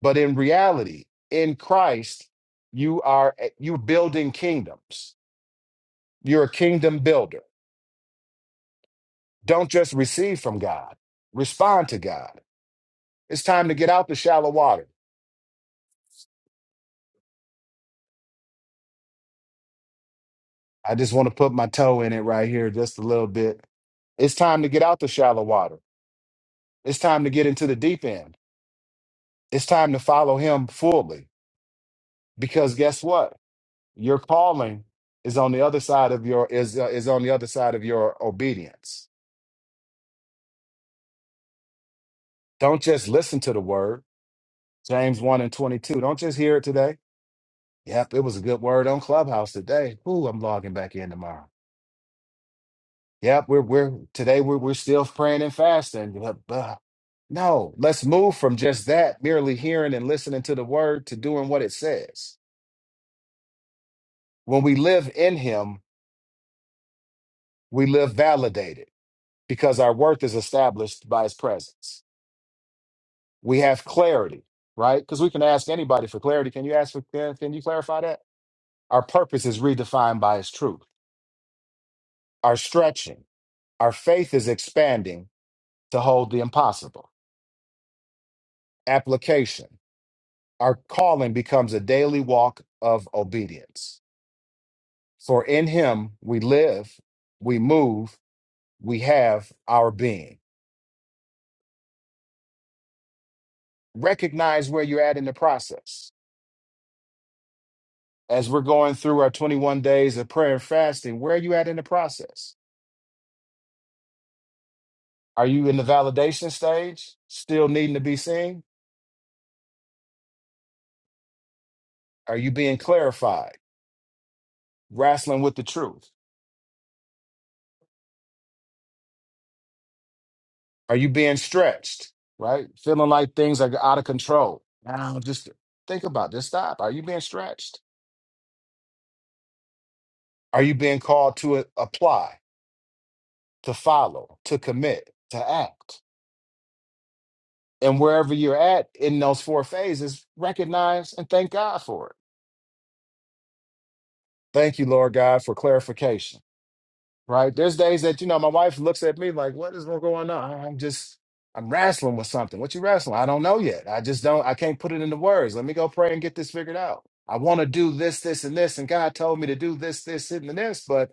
[SPEAKER 5] But in reality, in Christ, you are eh, you're building kingdoms. You're a kingdom builder. Don't just receive from God. Respond to God. It's time to get out the shallow water. I just want to put my toe in it right here just a little bit. It's time to get out the shallow water. It's time to get into the deep end. It's time to follow him fully. Because guess what? Your calling is on the other side of your is uh, is on the other side of your obedience. Don't just listen to the word. James 1 and 22. Don't just hear it today. Yep, it was a good word on Clubhouse today. Ooh, I'm logging back in tomorrow. Yep, we're we're today we're we're still praying and fasting. Blah, blah. No, let's move from just that, merely hearing and listening to the word to doing what it says. When we live in him, we live validated because our worth is established by his presence. we have clarity, right? Because we can ask anybody for clarity. Can you ask for can, can you clarify that? Our purpose is redefined by its truth. Our stretching, our faith is expanding to hold the impossible. Application, our calling becomes a daily walk of obedience. For in him we live, we move, we have our being. Recognize where you're at in the process. As we're going through our 21 days of prayer and fasting, where are you at in the process? Are you in the validation stage, still needing to be seen? Are you being clarified, wrestling with the truth? Are you being stretched, right? Feeling like things are out of control. Now, just think about this. Stop. Are you being stretched? Are you being called to a- apply, to follow, to commit, to act? And wherever you're at in those four phases, recognize and thank God for it. Thank you, Lord God, for clarification. right? There's days that, you know, my wife looks at me like, what is going on? I'm just, I'm wrestling with something. What you wrestling? I don't know yet. I just don't, I can't put it into words. Let me go pray and get this figured out. I want to do this, this, and this. And God told me to do this, this, and this, but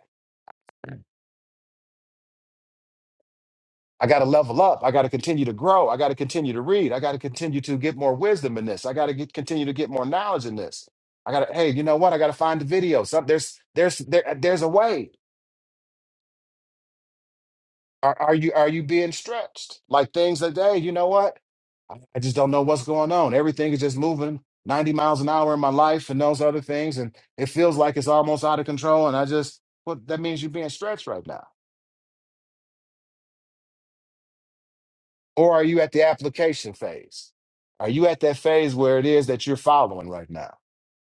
[SPEAKER 5] I got to level up. I got to continue to grow. I got to continue to read. I got to continue to get more wisdom in this. I got to get, continue to get more knowledge in this. I got to, hey, you know what? I got to find the video. Some, there's, there's, there, there's a way. Are are you are you being stretched? Like things that day, you know what? I I just don't know what's going on. Everything is just moving 90 miles an hour in my life and those other things. And it feels like it's almost out of control. And I just, well, that means you're being stretched right now. Or are you at the application phase? Are you at that phase where it is that you're following right now,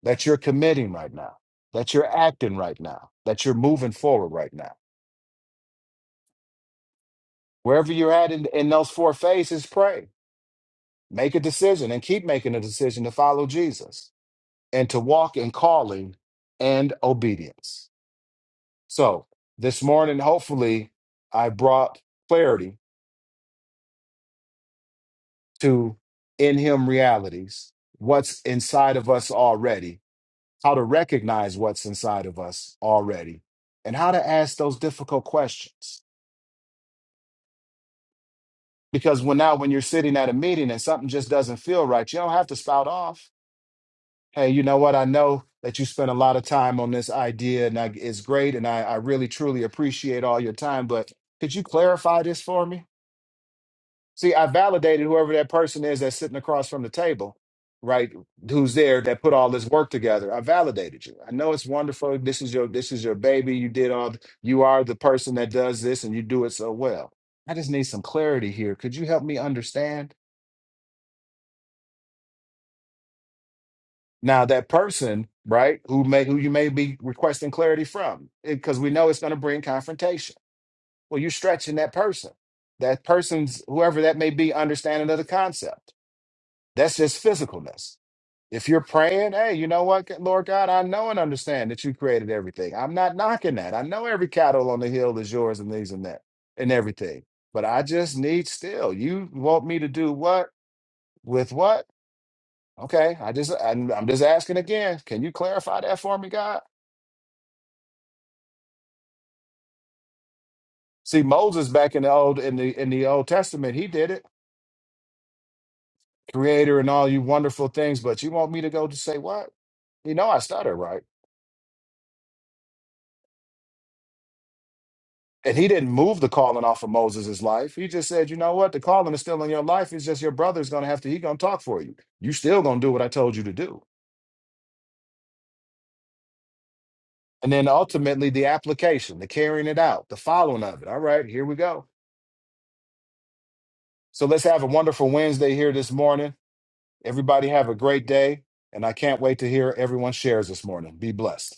[SPEAKER 5] that you're committing right now, that you're acting right now, that you're moving forward right now? Wherever you're at in, in those four phases, pray Make a decision and keep making a decision to follow Jesus and to walk in calling and obedience. So, this morning, hopefully, I brought clarity to in Him realities, what's inside of us already, how to recognize what's inside of us already, and how to ask those difficult questions. Because when now, when you're sitting at a meeting and something just doesn't feel right, you don't have to spout off Hey, you know what? I know that you spent a lot of time on this idea, and I, it's great, and I, I really truly appreciate all your time. But could you clarify this for me? See, I validated whoever that person is that's sitting across from the table, right? Who's there that put all this work together? I validated you. I know it's wonderful. This is your this is your baby. You did all. You are the person that does this, and you do it so well. I just need some clarity here. Could you help me understand? Now that person, right, who may who you may be requesting clarity from, because we know it's going to bring confrontation. Well, you're stretching that person. That person's whoever that may be understanding of the concept. That's just physicalness. If you're praying, hey, you know what, Lord God, I know and understand that you created everything. I'm not knocking that. I know every cattle on the hill is yours and these and that and everything. But I just need still. You want me to do what with what? Okay, I just I'm, I'm just asking again. Can you clarify that for me, God? See, Moses back in the old in the in the Old Testament, he did it, Creator and all you wonderful things. But you want me to go to say what? You know, I stutter, right? And he didn't move the calling off of Moses' life. He just said, you know what? The calling is still in your life. It's just your brother's gonna have to. He gonna talk for you. You still gonna do what I told you to do. And then ultimately, the application, the carrying it out, the following of it. All right, here we go. So let's have a wonderful Wednesday here this morning. Everybody have a great day, and I can't wait to hear everyone shares this morning. Be blessed.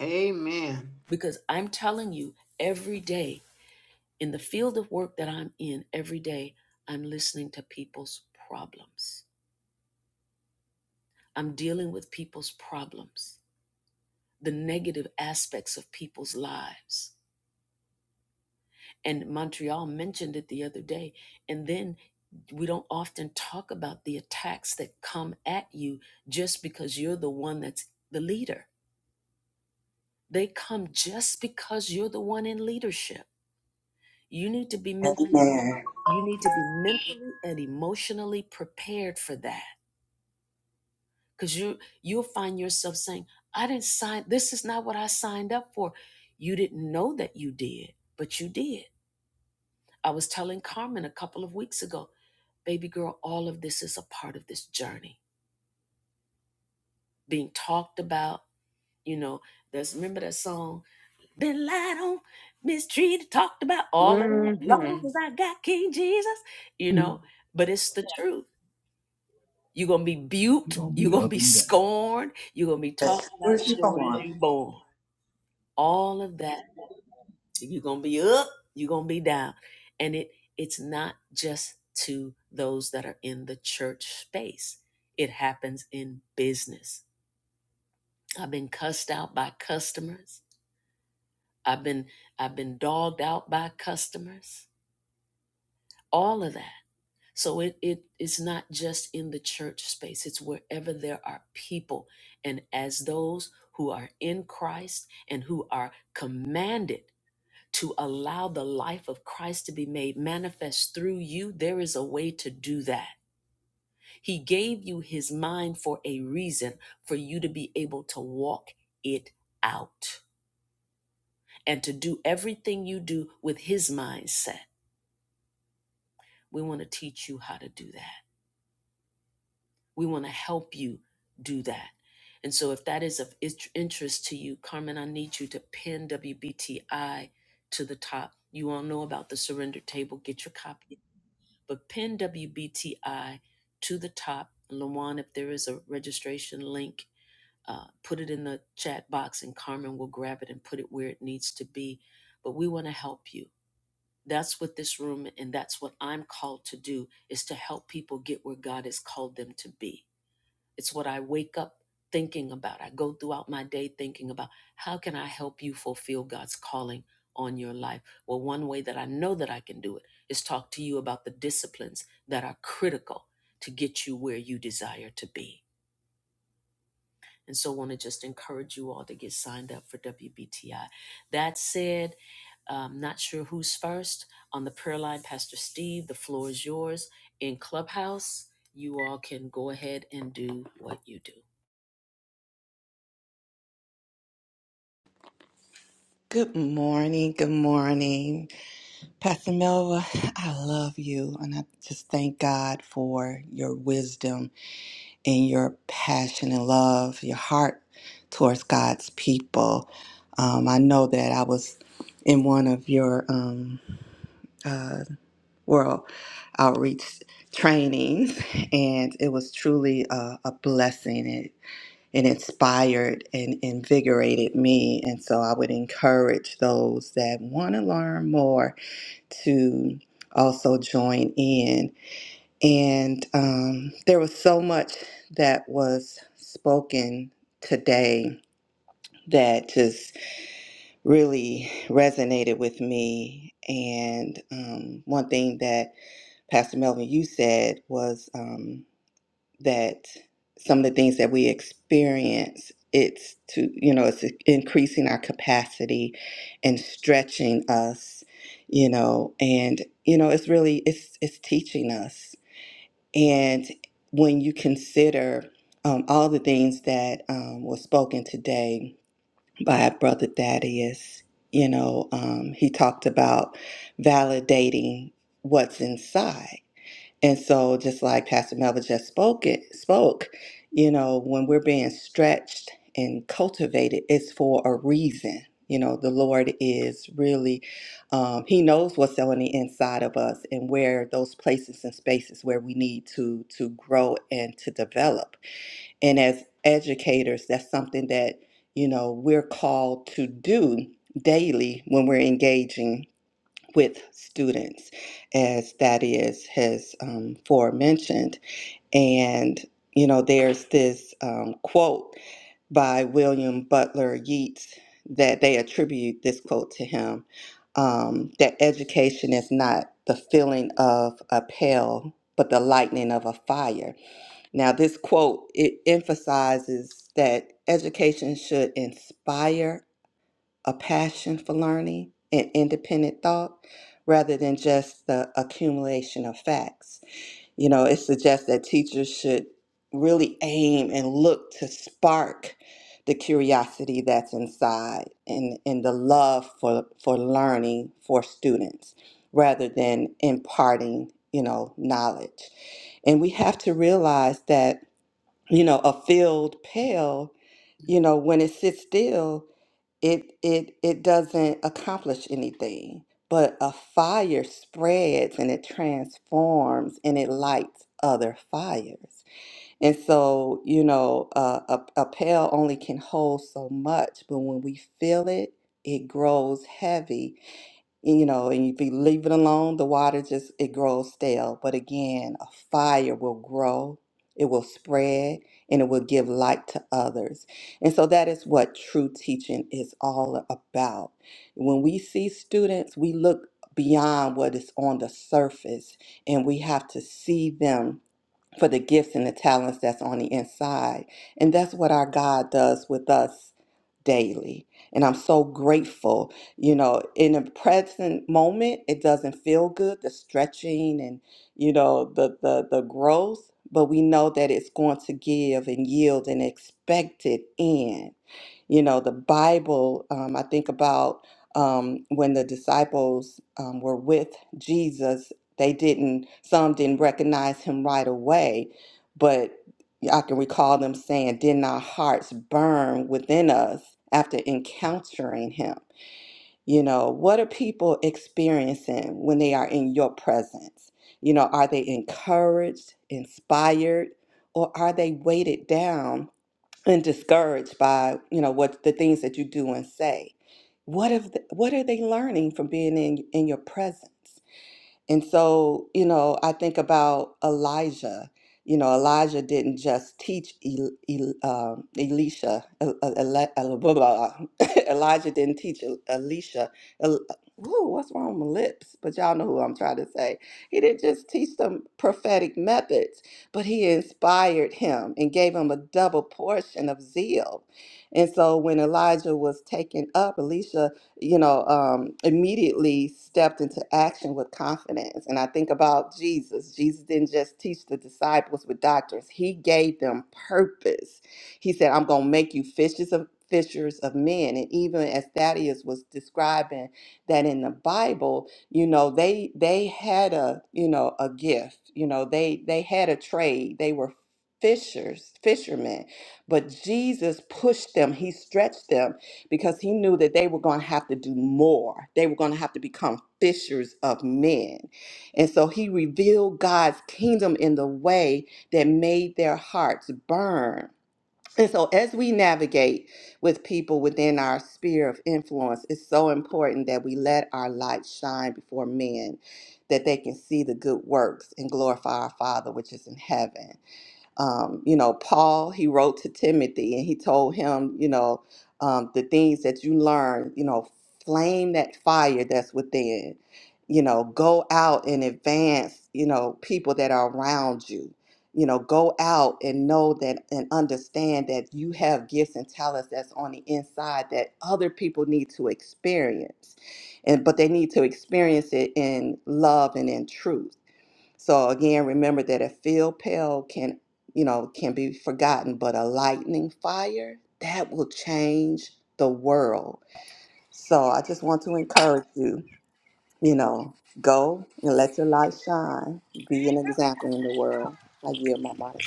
[SPEAKER 3] Amen.
[SPEAKER 7] Amen.
[SPEAKER 3] hmm
[SPEAKER 8] You're gonna be up and down.
[SPEAKER 7] As soon as you born. Good morning. Good morning. Pastor Melva, I love you. And I just thank God for your wisdom and your passion and love, your heart towards God's people. Um, I know that I was in one of your um, uh, world outreach trainings, and it was truly a, a blessing. and inspired and invigorated me. And so I would encourage those that want to learn more to also join in. And um, there was so much that was spoken today that just really resonated with me. And um, one thing that Pastor Melvin, you said was. Um, that some of the things that we experience it's to you know it's increasing our capacity and stretching us you know and you know it's really it's it's teaching us and when you consider um, all the things that um, was spoken today by brother thaddeus you know um, he talked about validating what's inside and so, just like Pastor Melva just spoke, it, spoke, you know, when we're being stretched and cultivated, it's for a reason. You know, the Lord is really, um, He knows what's on the inside of us and where those places and spaces where we need to to grow and to develop. And as educators, that's something that you know we're called to do daily when we're engaging with students, as that is has um, forementioned. And, you know, there's this um, quote by William Butler Yeats that they attribute this quote to him um, that education is not the feeling of a pale, but the lightning of a fire. Now, this quote it emphasizes that education should inspire a passion for learning and independent thought rather than just the accumulation of facts. You know, it suggests that teachers should really aim and look to spark the curiosity that's inside and, and the love for, for learning for students rather than imparting, you know, knowledge. And we have to realize that, you know, a field pale, you know, when it sits still, it it it doesn't accomplish anything but a fire spreads and it transforms and it lights other fires and so you know uh, a, a pail only can hold so much but when we fill it it grows heavy and, you know, and if you leave it alone, the water just it grows stale. But again, a fire will grow, it will spread, and it will give light to others. And so that is what true teaching is all about. When we see students, we look beyond what is on the surface and we have to see them for the gifts and the talents that's on the inside. And that's what our God does with us daily. And I'm so grateful. You know, in the present moment, it doesn't feel good, the stretching and, you know, the the the growth, but we know that it's going to give and yield an expected end. You know, the Bible, um, I think about um, when the disciples um, were with Jesus they didn't, some didn't recognize him right away, but I can recall them saying, Didn't our hearts burn within us after encountering him? You know, what are people experiencing when they are in your presence? You know, are they encouraged, inspired, or are they weighted down and discouraged by, you know, what the things that you do and say? What if what are they learning from being in in your presence? And so, you know, I think about Elijah. You know, Elijah didn't just teach El, El, um, Elisha. El, El, Ele- El- blah, blah, blah. Elijah didn't teach El, Elisha. El, ooh, what's wrong with my lips? But y'all know who I'm trying to say. He didn't just teach them prophetic methods, but he inspired him and gave him a double portion of zeal. And so when Elijah was taken up, Elisha you know, um, immediately stepped into action with confidence. And I think about Jesus. Jesus didn't just teach the disciples with doctrines; he gave them purpose. He said, I'm going to make you fishers of fishers of men. And even as Thaddeus was describing that in the Bible, you know, they they had a, you know, a gift. You know, they they had a trade. They were fishers, fishermen. But Jesus pushed them. He stretched them because he knew that they were going to have to do more. They were going to have to become fishers of men. And so he revealed God's kingdom in the way that made their hearts burn. And so as we navigate with people within our sphere of influence, it's so important that we let our light shine before men that they can see the good works and glorify our Father which is in heaven um, you know, Paul, he wrote to Timothy and he told him, you know, um, the things that you learn, you know, flame that fire that's within, you know, go out and advance, you know, people that are around you. You know, go out and know that and understand that you have gifts and talents that's on the inside that other people need to experience. And but they need to experience it in love and in truth so again, remember that a field pale can, you know, can be forgotten, but a lightning fire that will change the world. So I just want to encourage you, you know, go and let your light shine. Be an example in the world. I yield my mic.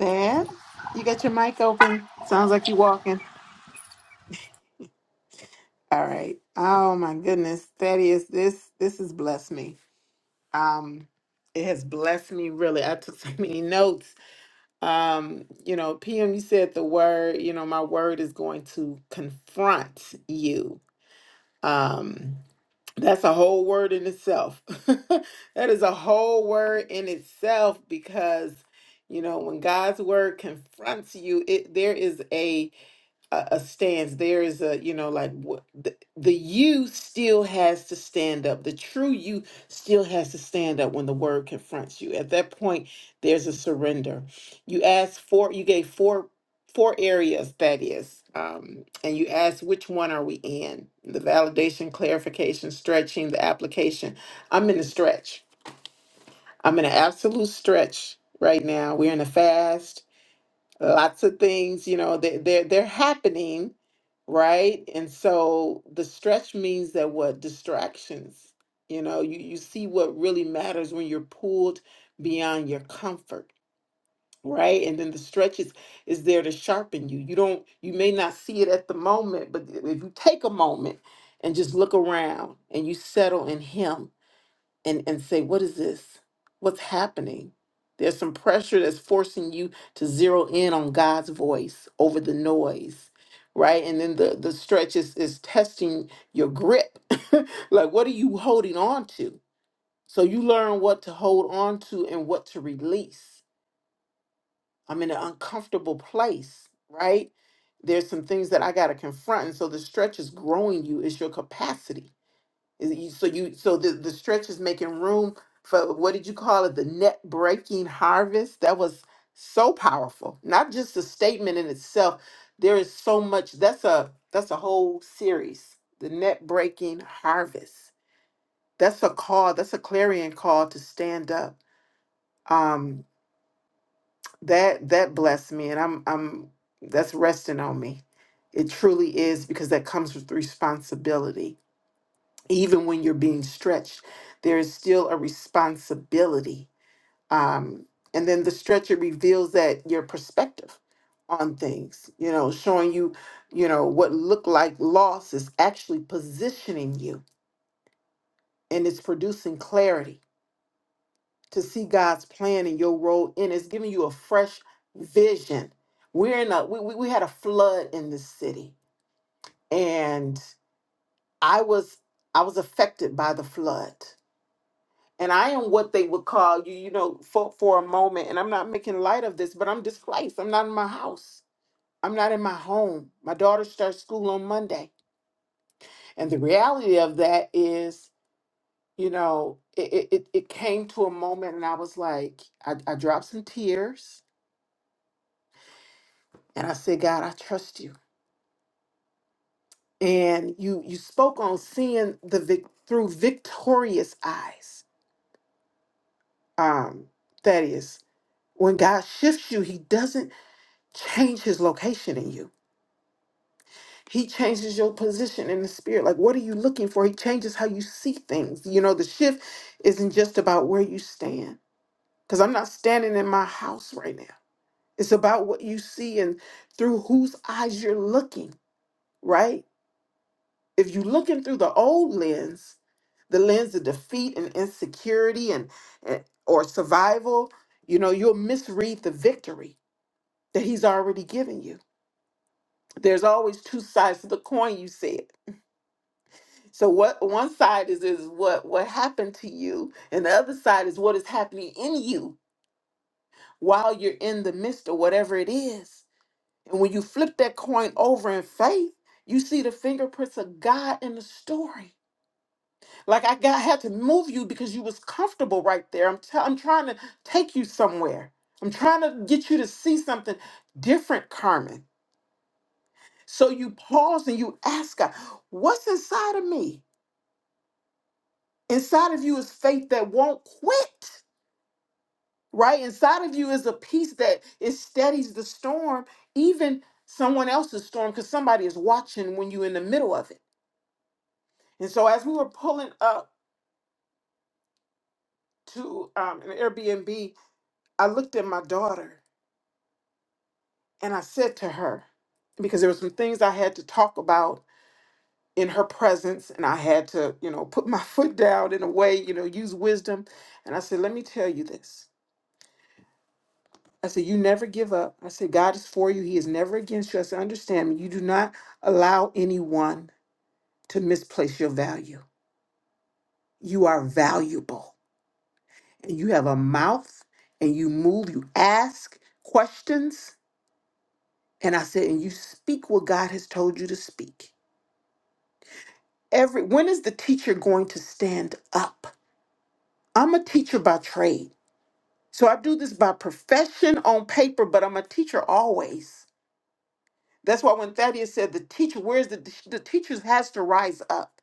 [SPEAKER 3] Dad, you got your mic open. Sounds like you walking. All right. Oh my goodness, Thaddeus, this this has blessed me. Um, it has blessed me really. I took so many notes. Um, you know, PM, you said the word. You know, my word is going to confront you. Um, That's a whole word in itself. that is a whole word in itself because you know when God's word confronts you, it there is a a, a stance there is a you know like what the, the you still has to stand up the true you still has to stand up when the word confronts you at that point there's a surrender you asked four you gave four four areas that is um, and you asked which one are we in the validation clarification stretching the application i'm in the stretch i'm in an absolute stretch right now we're in a fast Lots of things, you know, they, they're they're happening, right? And so the stretch means that what distractions, you know, you you see what really matters when you're pulled beyond your comfort, right? And then the stretch is is there to sharpen you. You don't you may not see it at the moment, but if you take a moment and just look around and you settle in Him and and say what is this what's happening there's some pressure that's forcing you to zero in on god's voice over the noise right and then the the stretch is is testing your grip like what are you holding on to so you learn what to hold on to and what to release i'm in an uncomfortable place right there's some things that i got to confront and so the stretch is growing you It's your capacity is it you- So you so the, the stretch is making room for what did you call it? The net breaking harvest. That was so powerful. Not just a statement in itself. There is so much. That's a that's a whole series. The net breaking harvest. That's a call. That's a clarion call to stand up. Um, that that blessed me, and I'm I'm that's resting on me. It truly is because that comes with responsibility even when you're being stretched, there is still a responsibility. Um, and then the stretcher reveals that your perspective on things, you know, showing you, you know, what looked like loss is actually positioning you and it's producing clarity to see God's plan and your role in it. it's giving you a fresh vision. We're in a we, we we had a flood in this city and I was I was affected by the flood and I am what they would call you, you know, for for a moment. And I'm not making light of this, but I'm displaced. I'm not in my house. I'm not in my home. My daughter starts school on Monday, and the reality of that is, you know, it it, it it came to a moment, and I was like, I, I dropped some tears, and I said, God, I trust you. And you you spoke on seeing the vic- through victorious eyes. Um, that is, when God shifts you, He doesn't change His location in you He changes your position in the spirit. Like, what are you looking for? He changes how you see things. You know, the shift isn't just about where you stand, because I'm not standing in my house right now. It's about what you see and through whose eyes you're looking, right? If you're looking through the old lens, the lens of defeat and insecurity and, and or survival, you know, you'll misread the victory that he's already given you. There's always two sides to the coin, you said. So what one side is is what what happened to you, and the other side is what is happening in you while you're in the midst of whatever it is. And when you flip that coin over in faith, you see the fingerprints of God in the story. Like I got had to move you because you was comfortable right there. I'm i I'm trying to take you somewhere. I'm trying to get you to see something different, Carmen. So you pause and you ask God, what's inside of me? Inside of you is faith that won't quit right inside of you is a peace that it steadies the storm even someone else's storm because somebody is watching when you're in the middle of it and so as we were pulling up to um, an airbnb i looked at my daughter and i said to her because there were some things i had to talk about in her presence and i had to you know put my foot down in a way you know use wisdom and i said let me tell you this I said, You never give up. I said, God is for you. He is never against you. I said, Understand me. You do not allow anyone to misplace your value. You are valuable. And you have a mouth and you move, you ask questions. And I said, And you speak what God has told you to speak. Every when is the teacher going to stand up? I'm a teacher by trade. So I do this by profession on paper, but I'm a teacher always. That's why when Thaddeus said the teacher, where's the the teachers has to rise up.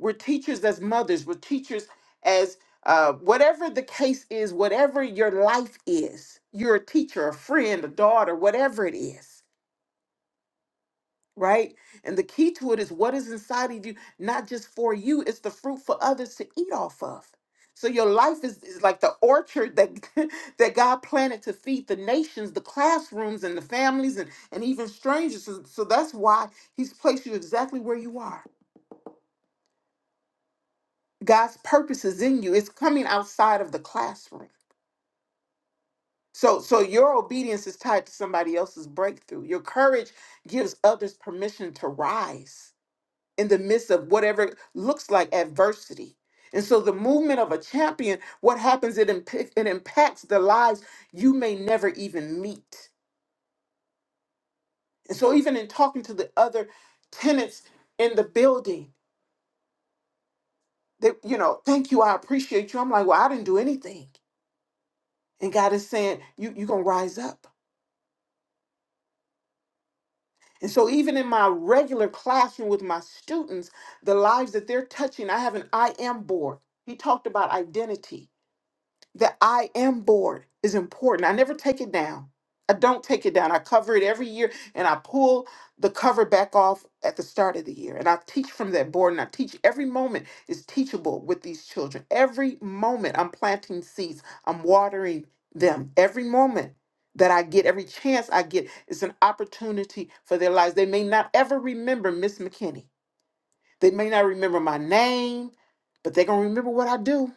[SPEAKER 3] We're teachers as mothers. We're teachers as uh, whatever the case is, whatever your life is. You're a teacher, a friend, a daughter, whatever it is right? And the key to it is what is inside of you, not just for you, it's the fruit for others to eat off of. So your life is, is like the orchard that that God planted to feed the nations, the classrooms and the families and, and even strangers. So, so that's why he's placed you exactly where you are. God's purpose is in you. It's coming outside of the classroom. So so your obedience is tied to somebody else's breakthrough. Your courage gives others permission to rise in the midst of whatever looks like adversity. And so, the movement of a champion, what happens, it, imp- it impacts the lives you may never even meet. And so, even in talking to the other tenants in the building, they, you know, thank you, I appreciate you. I'm like, well, I didn't do anything. And God is saying, you, you're going to rise up. And so, even in my regular classroom with my students, the lives that they're touching, I have an I am board. He talked about identity The I am board is important. I never take it down. I don't take it down. I cover it every year and I pull the cover back off at the start of the year. And I teach from that board and I teach every moment is teachable with these children. Every moment I'm planting seeds, I'm watering them. Every moment that I get, every chance I get is an opportunity for their lives. They may not ever remember Miss McKinney. They may not remember my name, but they're going to remember what I do.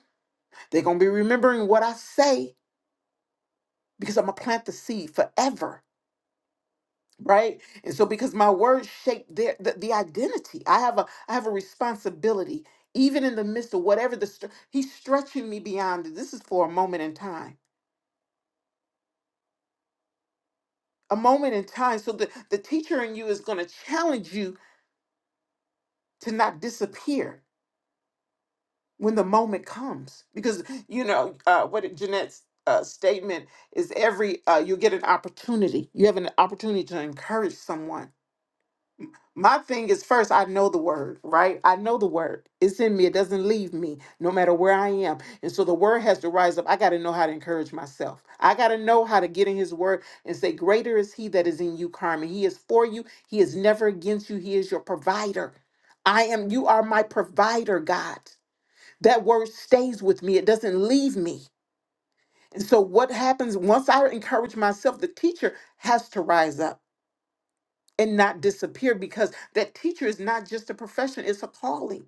[SPEAKER 3] They're going to be remembering what I say because I'm gonna plant the seed forever, right? And so because my words shape their the, the identity, I have a I have a responsibility, even in the midst of whatever the str- he's stretching me beyond. This is for a moment in time, a moment in time. So the the teacher in you is gonna challenge you to not disappear when the moment comes, because you know uh, what did Jeanette's. Uh, statement is every uh, you get an opportunity. You have an opportunity to encourage someone my thing is first i know the word right i know the word it's in me it doesn't leave me no matter where i am and so the word has to rise up i got to know how to encourage myself i got to know how to get in his word and say greater is he that is in you carmen he is for you he is never against you he is your provider i am you are my provider god that word stays with me it doesn't leave me and so what happens once i encourage myself the teacher has to rise up and not disappear because that teacher is not just a profession, it's a calling.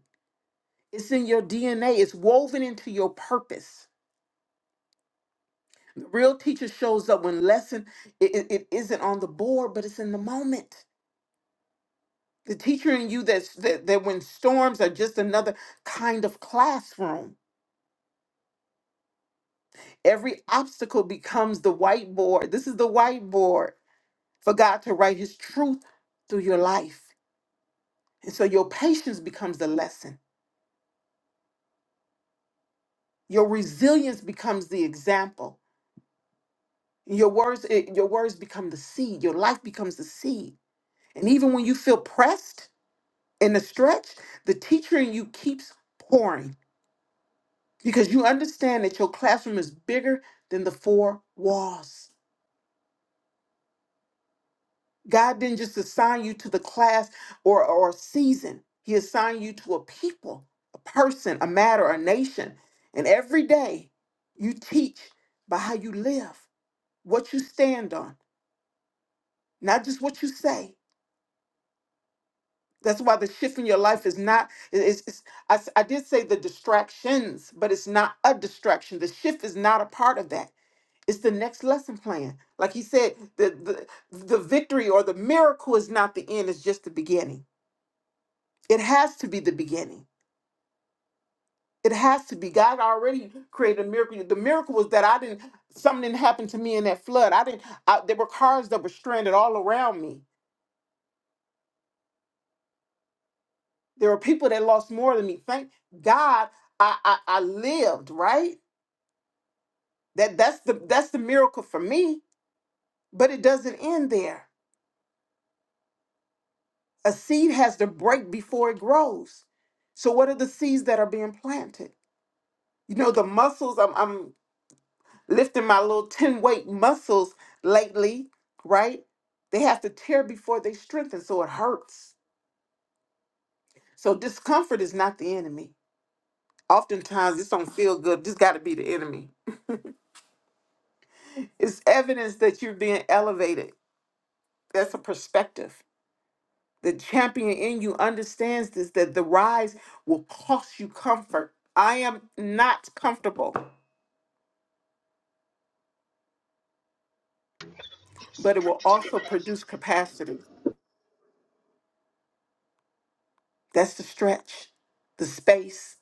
[SPEAKER 3] It's in your DNA, it's woven into your purpose. The real teacher shows up when lesson it, it it isn't on the board, but it's in the moment. The teacher in you that's that, that when storms are just another kind of classroom, every obstacle becomes the whiteboard. This is the whiteboard for God to write his truth through your life. And so your patience becomes the lesson. Your resilience becomes the example Your words, it, your words become the seed. Your life becomes the seed. And even when you feel pressed in the stretch, the teacher in you keeps pouring because you understand that your classroom is bigger than the four walls. God didn't just assign you to the class or or a season. He assigned you to a people, a person, a matter, a nation. And every day you teach by how you live, what you stand on, not just what you say. That's why the shift in your life is not. it- It's, it's, I, s- I did say the distractions, but it's not a distraction. The shift is not a part of that. It's the next lesson plan. Like he said, the the, the victory or the miracle is not the end. It's just the beginning. It has to be the beginning. It has to be. God already created a miracle. The miracle was that I didn't. Something didn't happen to me in that flood. I didn't. I, there were cars that were stranded all around me. There were people that lost more than me. Thank God, I I, I lived right. That that's the that's the miracle for me, but it doesn't end there. A seed has to break before it grows. So what are the seeds that are being planted? You know, the muscles, I'm I'm lifting my little 10 weight muscles lately, right? They have to tear before they strengthen, so it hurts. So discomfort is not the enemy. Oftentimes this don't feel good. This gotta be the enemy. It's evidence that you're being elevated. That's a perspective The champion in you understands this that the rise will cost you comfort. I am not comfortable, but it will also produce capacity. That's the stretch, the space.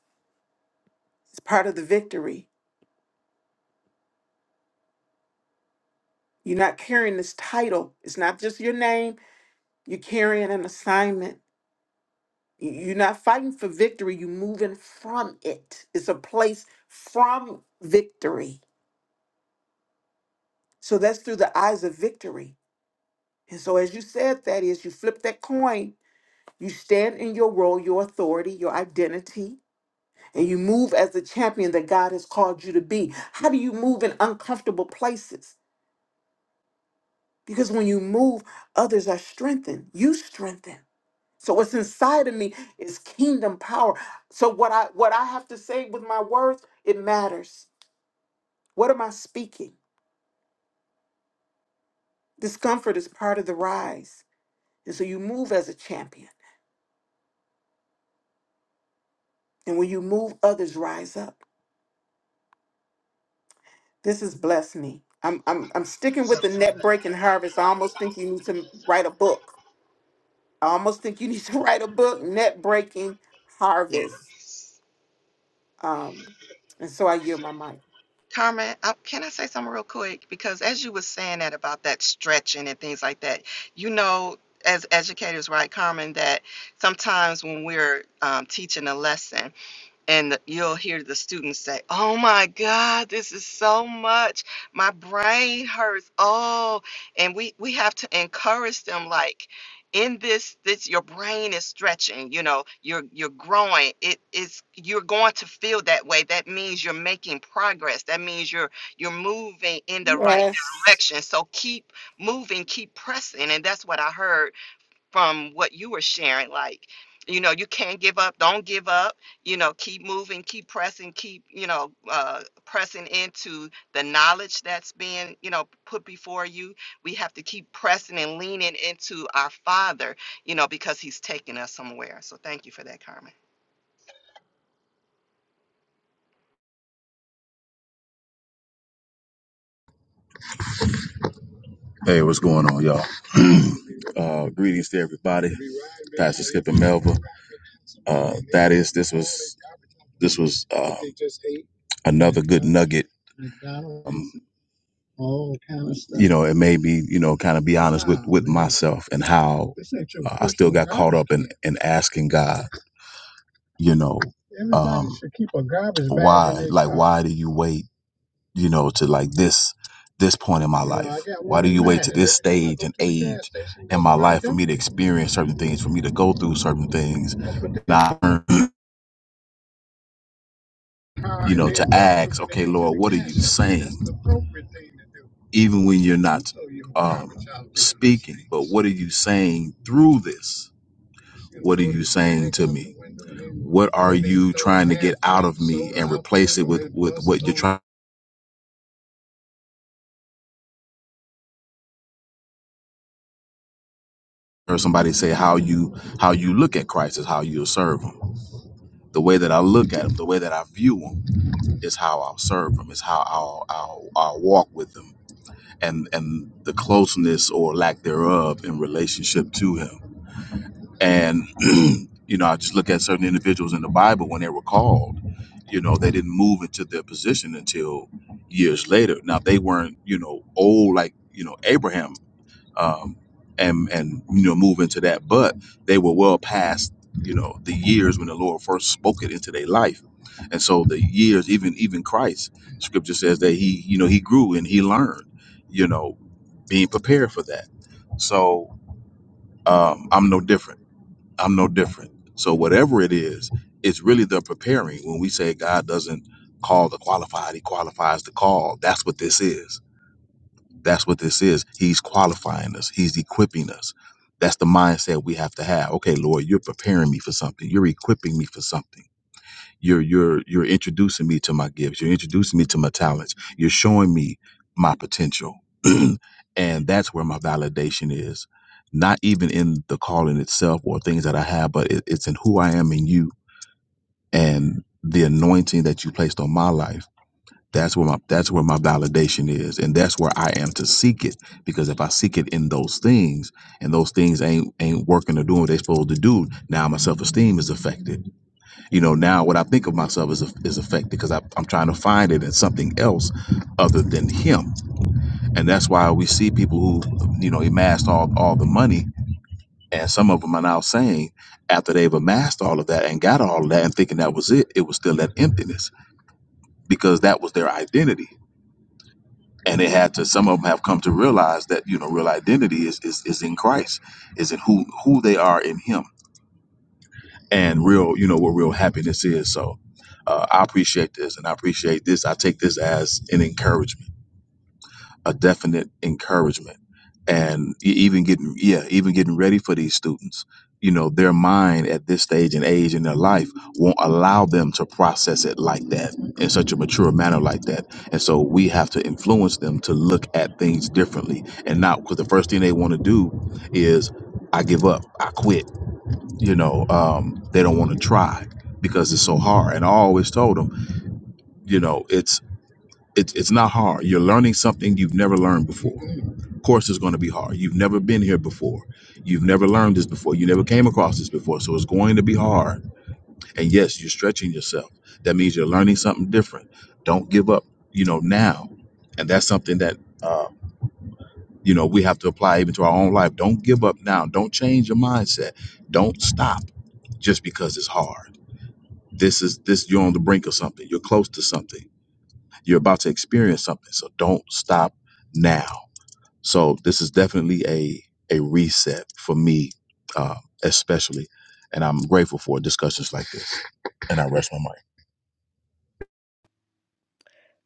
[SPEAKER 3] It's part of the victory. You're not carrying this title, it's not just your name, you're carrying an assignment. You- You're not fighting for victory, you're moving from it. It's a place from victory. So that's through the eyes of victory. And so, as you said, Thaddeus, you flip that coin You stand in your role, your authority, your identity, and you move as the champion that God has called you to be. How do you move in uncomfortable places? Because when you move, others are strengthened. You strengthen. So what's inside of me is kingdom power. So what I what I have to say with my words, it matters. What am I speaking? Discomfort is part of the rise. And so you move as a champion. And when you move, others rise up. This has blessed me. I'm I'm I'm sticking with the net break and harvest. I almost think you need to write a book. I almost think you need to write a book, net breaking harvest.
[SPEAKER 7] Yes.
[SPEAKER 3] Um, and so I yield my mic.
[SPEAKER 7] Carmen, I, can I say something real quick? Because as you were saying that about that stretching and things like that, you know, as educators, right, Carmen, that sometimes when we're um, teaching a lesson, and you'll hear the students say, "Oh my God, this is so much. My brain hurts." Oh, and we we have to encourage them like in this this your brain is stretching you know you're you're growing it is you're going to feel that way that means you're making progress that means you're you're moving in the right
[SPEAKER 3] Yes.
[SPEAKER 7] direction so keep moving keep pressing and that's what i heard from what you were sharing like you know you can't give up don't give up you know keep moving keep pressing keep you know uh, pressing into the knowledge that's being you know put before you we have to keep pressing and leaning into our father you know because he's taking us somewhere so thank you for that Carmen.
[SPEAKER 8] Hey, what's going on, y'all? uh, greetings to everybody. Pastor Skip and Melva. Uh, that is, this was, this was uh, another good nugget. Um, you know, it made me, you know, kind of be honest with with myself and how uh, I still got caught up in in asking God, you know, um, why, like, why do you wait? you know, to like this this point in my life? Why do you wait to this stage and age in my life for me to experience certain things, for me to go through certain things? And I learn, you know, to ask, okay, Lord, what are you saying? Even when you're not um, speaking, but what are you saying through this? What are you saying to me? What are you trying to get out of me and replace it with, with what you're trying? Or somebody say how you how you look at Christ is how you'll serve him the way that I look at them, the way that I view them, is how I'll serve them, is how I'll, I'll, I'll walk with them, and and the closeness or lack thereof in relationship to Him. And you know, I just look at certain individuals in the Bible when they were called. You know, they didn't move into their position until years later. Now they weren't, you know, old like you know Abraham um, and and you know move into that. But they were well past you know the years when the Lord first spoke it into their life, and so the years even even Christ, Scripture says that he you know he grew and he learned, you know, being prepared for that. So um, I'm no different. I'm no different. So whatever it is, it's really the preparing. When we say God doesn't call the qualified, He qualifies the call. That's what this is that's what this is. He's qualifying us, He's equipping us. That's the mindset we have to have. Okay, Lord, you're preparing me for something. You're equipping me for something. You're you're you're introducing me to my gifts. You're introducing me to my talents. You're showing me my potential. and that's where my validation is. Not even in the calling itself or things that I have, but it, it's in who I am in you and the anointing that you placed on my life that's where my that's where my validation is, and that's where I am to seek it. Because if I seek it in those things, and those things ain't ain't working or doing what they supposed to do, now my self esteem is affected. You know, now what I think of myself is is affected because I, I'm trying to find it in something else other than him, and that's why we see people who you know amassed all all the money, and some of them are now saying after they've amassed all of that and got all of that and thinking that was it, it was still that emptiness because that was their identity and they had to some of them have come to realize that you know real identity is is, is in christ is in who who they are in him and real you know what real happiness is so uh, i appreciate this and i appreciate this i take this as an encouragement a definite encouragement and e- even getting yeah even getting ready for these students you know their mind at this stage and age in their life won't allow them to process it like that in such a mature manner like that. And so we have to influence them to look at things differently and not because the first thing they want to do is I give up, I quit. You know, um, they don't want to try because it's so hard. And I always told them, you know, it's it's it's not hard. You're learning something you've never learned before. Of course, it's going to be hard. You've never been here before. You've never learned this before. You never came across this before. So it's going to be hard and yes, you're stretching yourself. That means you're learning something different. Don't give up, you know, now. And that's something that, uh, you know, we have to apply even to our own life. Don't give up now. Don't change your mindset. Don't stop just because it's hard. This is this, you're on the brink of something. You're close to something. You're about to experience something. So don't stop now. So this is definitely a, a reset for me, uh, especially. And I'm grateful for discussions like this. And I rest my mind.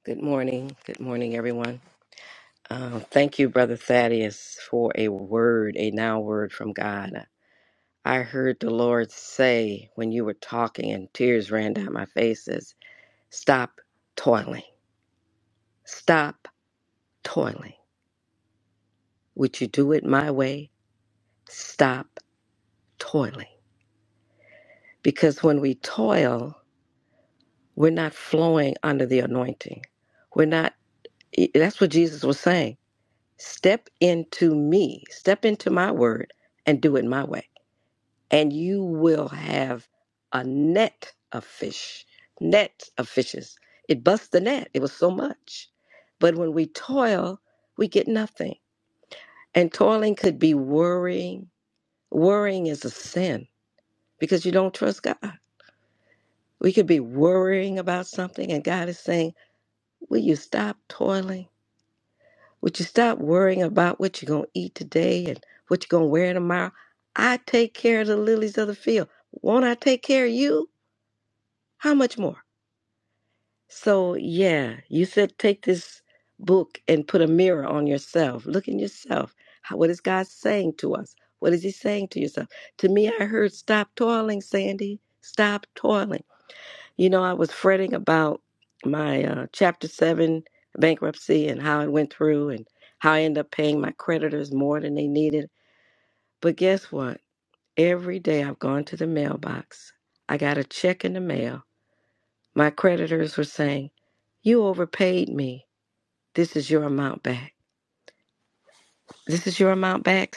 [SPEAKER 9] Good morning. Good morning, everyone. Uh, thank you, Brother Thaddeus, for a word, a now word from God. I heard the Lord say when you were talking, and tears ran down my faces stop toiling. Stop toiling. Would you do it my way? Stop toiling. Because when we toil, we're not flowing under the anointing. We're not, that's what Jesus was saying. Step into me, step into my word, and do it my way and you will have a net of fish, net of fishes. It busts the net. It was so much. But when we toil, we get nothing. And toiling could be worrying. Worrying is a sin because you don't trust God. We could be worrying about something, and God is saying, Will you stop toiling? Would you stop worrying about what you're going to eat today and what you're going to wear tomorrow? I take care of the lilies of the field. Won't I take care of you? How much more? So, yeah, you said take this book and put a mirror on yourself. Look in yourself. How, what is God saying to us? What is He saying to yourself? To me, I heard, stop toiling, Sandy. Stop toiling. You know, I was fretting about my uh, Chapter 7 bankruptcy and how it went through and how I ended up paying my creditors more than they needed. But guess what? Every day I've gone to the mailbox, I got a check in the mail my creditors were saying, You overpaid me. This is your amount back. This is your amount back.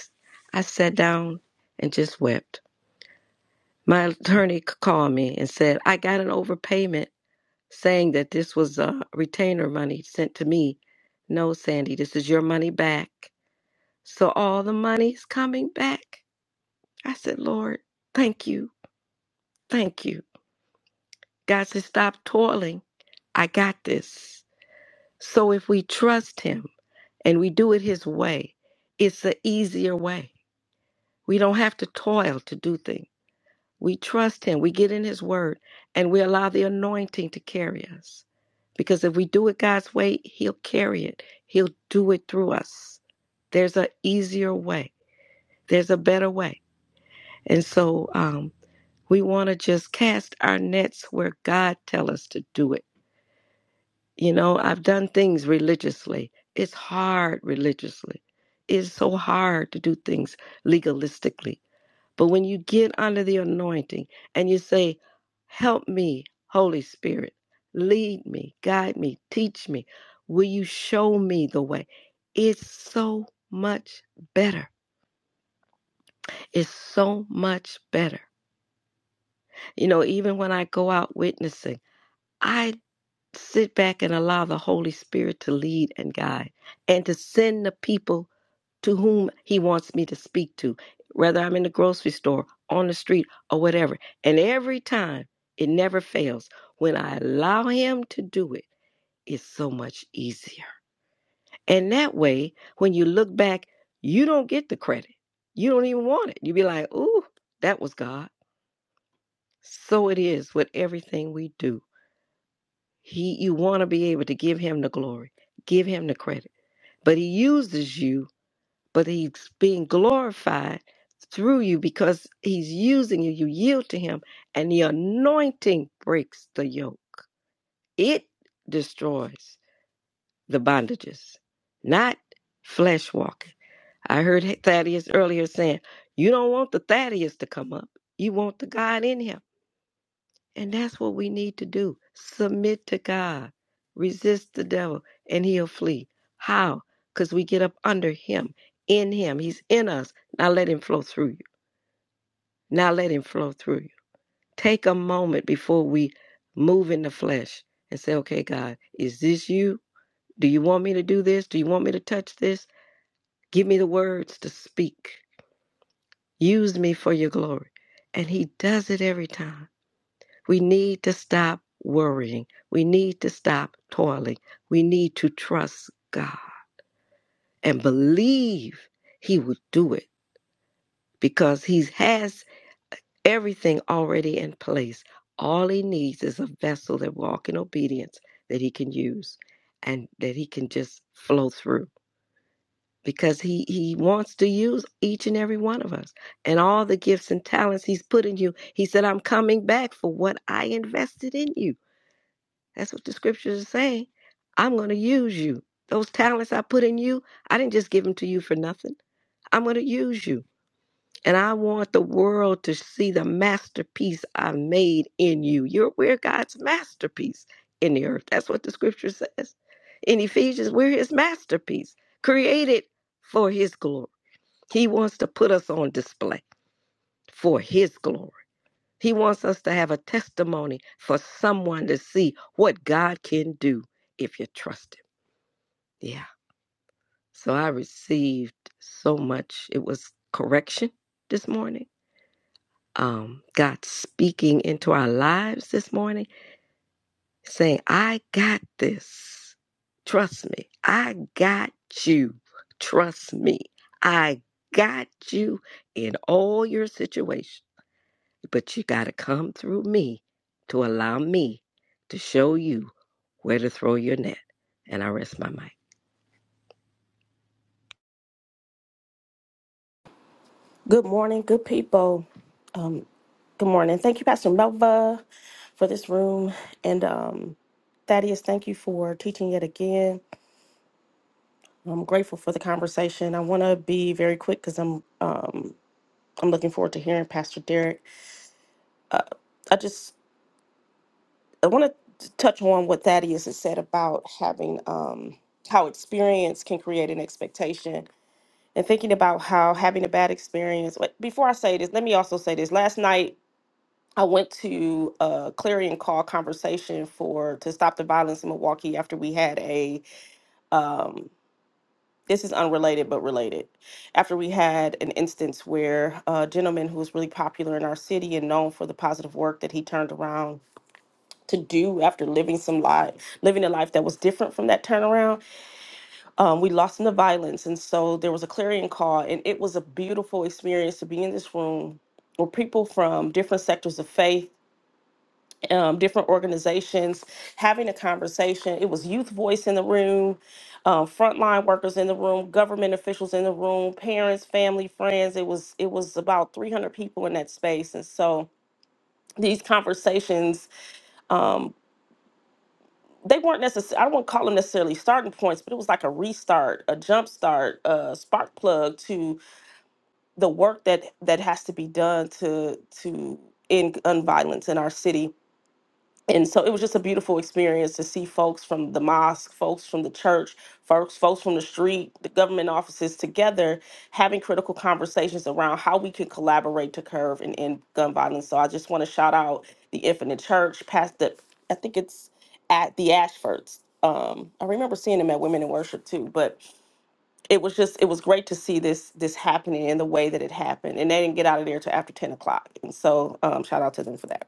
[SPEAKER 9] I sat down and just wept. My attorney called me and said, I got an overpayment saying that this was a retainer money sent to me. No, Sandy, this is your money back. So all the money's coming back. I said, Lord, thank you. Thank you. God said, Stop toiling. I got this. So if we trust Him, and we do it His way, it's the easier way. We don't have to toil to do things. We trust Him, we get in His Word, and we allow the anointing to carry us. Because if we do it God's way, He'll carry it, He'll do it through us. There's an easier way, there's a better way. And so um, we want to just cast our nets where God tells us to do it You know, I've done things religiously. It's hard religiously. It's so hard to do things legalistically. But when you get under the anointing and you say, Help me, Holy Spirit, lead me, guide me, teach me, will you show me the way? It's so much better. It's so much better. You know, even when I go out witnessing, I. sit back and allow the Holy Spirit to lead and guide and to send the people to whom He wants me to speak to, whether I'm in the grocery store, on the street, or whatever. And every time, it never fails. When I allow Him to do it, it's so much easier. And that way, when you look back, you don't get the credit. You don't even want it. You be like, ooh, that was God. So it is with everything we do He you want to be able to give him the glory, give him the credit. But he uses you, but he's being glorified through you because he's using you. You yield to him and the anointing breaks the yoke. It destroys the bondages, not flesh walking. I heard Thaddeus earlier saying, you don't want the Thaddeus to come up. You want the God in him. And that's what we need to do. Submit to God, resist the devil, and he'll flee. How? Because we get up under him, in him. He's in us. Now let him flow through you. Now let him flow through you. Take a moment before we move in the flesh and say, okay, God, is this you? Do you want me to do this? Do you want me to touch this? Give me the words to speak. Use me for your glory. And he does it every time. We need to stop worrying. We need to stop toiling. We need to trust God and believe He will do it because He has everything already in place. All He needs is a vessel that walks in obedience that He can use and that He can just flow through because he, he wants to use each and every one of us and all the gifts and talents he's put in you he said i'm coming back for what i invested in you That's what the scriptures are saying. I'm going to use you. Those talents I put in you, I didn't just give them to you for nothing. I'm going to use you. And I want the world to see the masterpiece I've made in you. You're we're God's masterpiece in the earth. That's what the scripture says. In Ephesians, we're his masterpiece, created for his glory. He wants to put us on display for his glory. He wants us to have a testimony for someone to see what God can do if you trust Him. Yeah. So I received so much. It was correction this morning. Um, God speaking into our lives this morning, saying, I got this. Trust me. I got you. Trust me. I got you in all your situations. But you got to come through me to allow me to show you where to throw your net. And I rest my mic.
[SPEAKER 6] Good morning, good people. Um, good morning. Thank you, Pastor Melva, for this room. And um, Thaddeus, thank you for teaching yet again. I'm grateful for the conversation. I want to be very quick because I'm um, I'm looking forward to hearing Pastor Derek. Uh, I just I want to touch on what Thaddeus has said about having um, how experience can create an expectation and thinking about how having a bad experience. Wait, Before I say this, let me also say this. Last night I went to a clarion call conversation for to stop the violence in Milwaukee after we had a um, this is unrelated but related. After we had an instance where a gentleman who was really popular in our city and known for the positive work that he turned around to do after living some life, living a life that was different from that turnaround, um, we lost him to violence, and so there was a clarion call, and it was a beautiful experience to be in this room where people from different sectors of faith um, different organizations having a conversation. It was youth voice in the room, um, frontline workers in the room, government officials in the room, parents, family, friends. It was it was about 300 people in that space, and so these conversations. Um, they weren't necessarily, I wouldn't call them necessarily starting points, but it was like a restart, a jump start, a spark plug to the work that that has to be done to to end gun violence in our city and so it was just a beautiful experience to see folks from the mosque, folks from the church, folks, folks from the street, the government offices together having critical conversations around how we can collaborate to curve and end gun violence. So I just want to shout out the Infinite Church, past the, I think it's at the Ashfords. Um, I remember seeing them at Women in Worship too, but it was just it was great to see this this happening in the way that it happened, and they didn't get out of there till after ten o'clock. And so um, shout out to them for that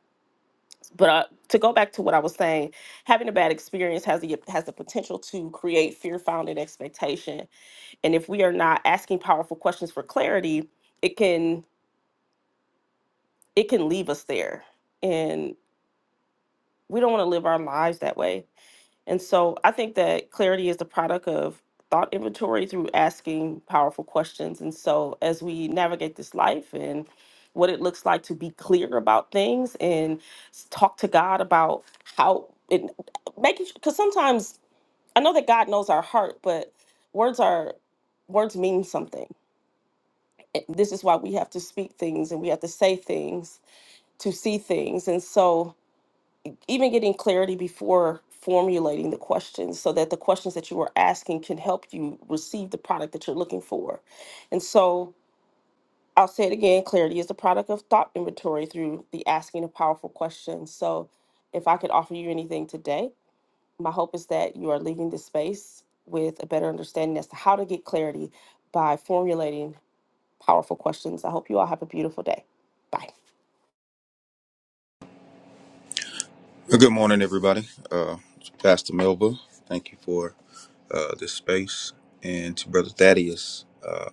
[SPEAKER 6] but uh, to go back to what I was saying, having a bad experience has the has the potential to create fear founded expectation, and if we are not asking powerful questions for clarity, it can it can leave us there, and we don't want to live our lives that way. And so I think that clarity is the product of thought inventory through asking powerful questions. And so as we navigate this life and what it looks like to be clear about things and s- talk to God about how it making because sometimes I know that God knows our heart, but words are words mean something. Eh, This is why we have to speak things and we have to say things to see things. And so even getting clarity before formulating the questions so that the questions that you are asking can help you receive the product that you're looking for. And so I'll say it again clarity is the product of thought inventory through the asking of powerful questions. So if I could offer you anything today, my hope is that you are leaving this space with a better understanding as to how to get clarity by formulating powerful questions. I hope you all have a beautiful day. Bye.
[SPEAKER 10] Well, Good morning, everybody. Uh, it's Pastor Melba, thank you for uh, this space, and to Brother Thaddeus. Uh,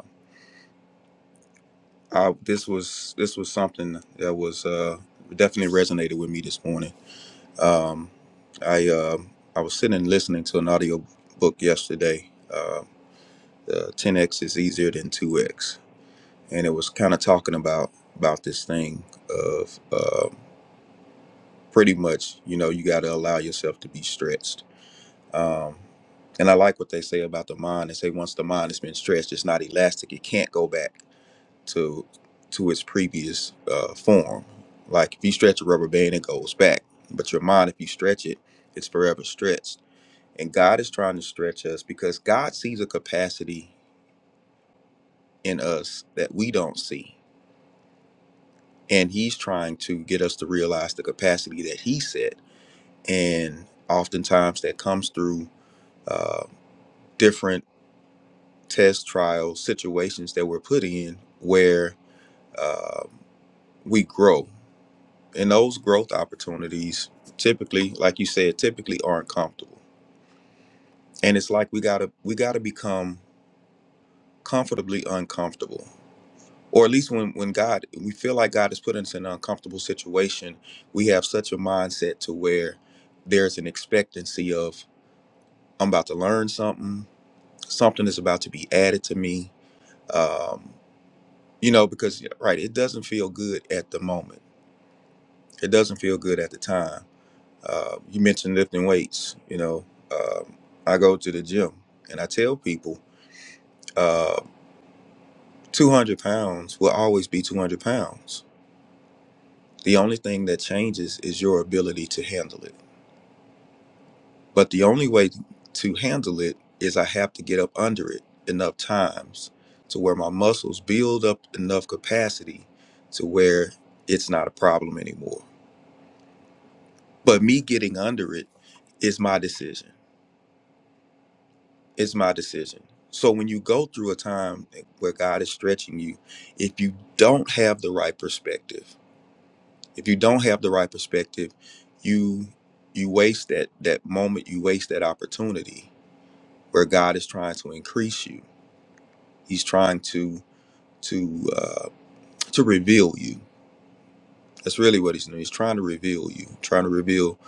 [SPEAKER 10] I, this was this was something that was uh, definitely resonated with me this morning. Um, I uh, I was sitting and listening to an audio book yesterday. Uh, uh, 10x is easier than 2x, and it was kind of talking about about this thing of uh, pretty much you know you got to allow yourself to be stretched Um, and I like what they say about the mind. They say once the mind has been stretched, it's not elastic. It can't go back to to its previous uh, form. Like if you stretch a rubber band, it goes back. But your mind, if you stretch it, it's forever stretched. And God is trying to stretch us because God sees a capacity in us that we don't see, and He's trying to get us to realize the capacity that He set. And oftentimes, that comes through. Uh, different test trials, situations that we're put in where um we grow. And those growth opportunities typically, like you said, typically aren't comfortable. And it's like we gotta we gotta become comfortably uncomfortable. Or at least when, when God we feel like God has put us in an uncomfortable situation, we have such a mindset to where there's an expectancy of I'm about to learn something, something is about to be added to me. Um, you know because yeah, right it doesn't feel good at the moment it doesn't feel good at the time uh, you mentioned lifting weights you know um, i go to the gym and i tell people uh, 200 pounds will always be 200 pounds the only thing that changes is your ability to handle it but the only way to handle it is i have to get up under it enough times to where my muscles build up enough capacity to where it's not a problem anymore But me getting under it is my decision. It's my decision. So when you go through a time where God is stretching you, if you don't have the right perspective, if you don't have the right perspective, you you waste that that moment, you waste that opportunity where God is trying to increase you. He's trying to to uh, to reveal you. That's really what he's doing. He's trying to reveal you, trying to reveal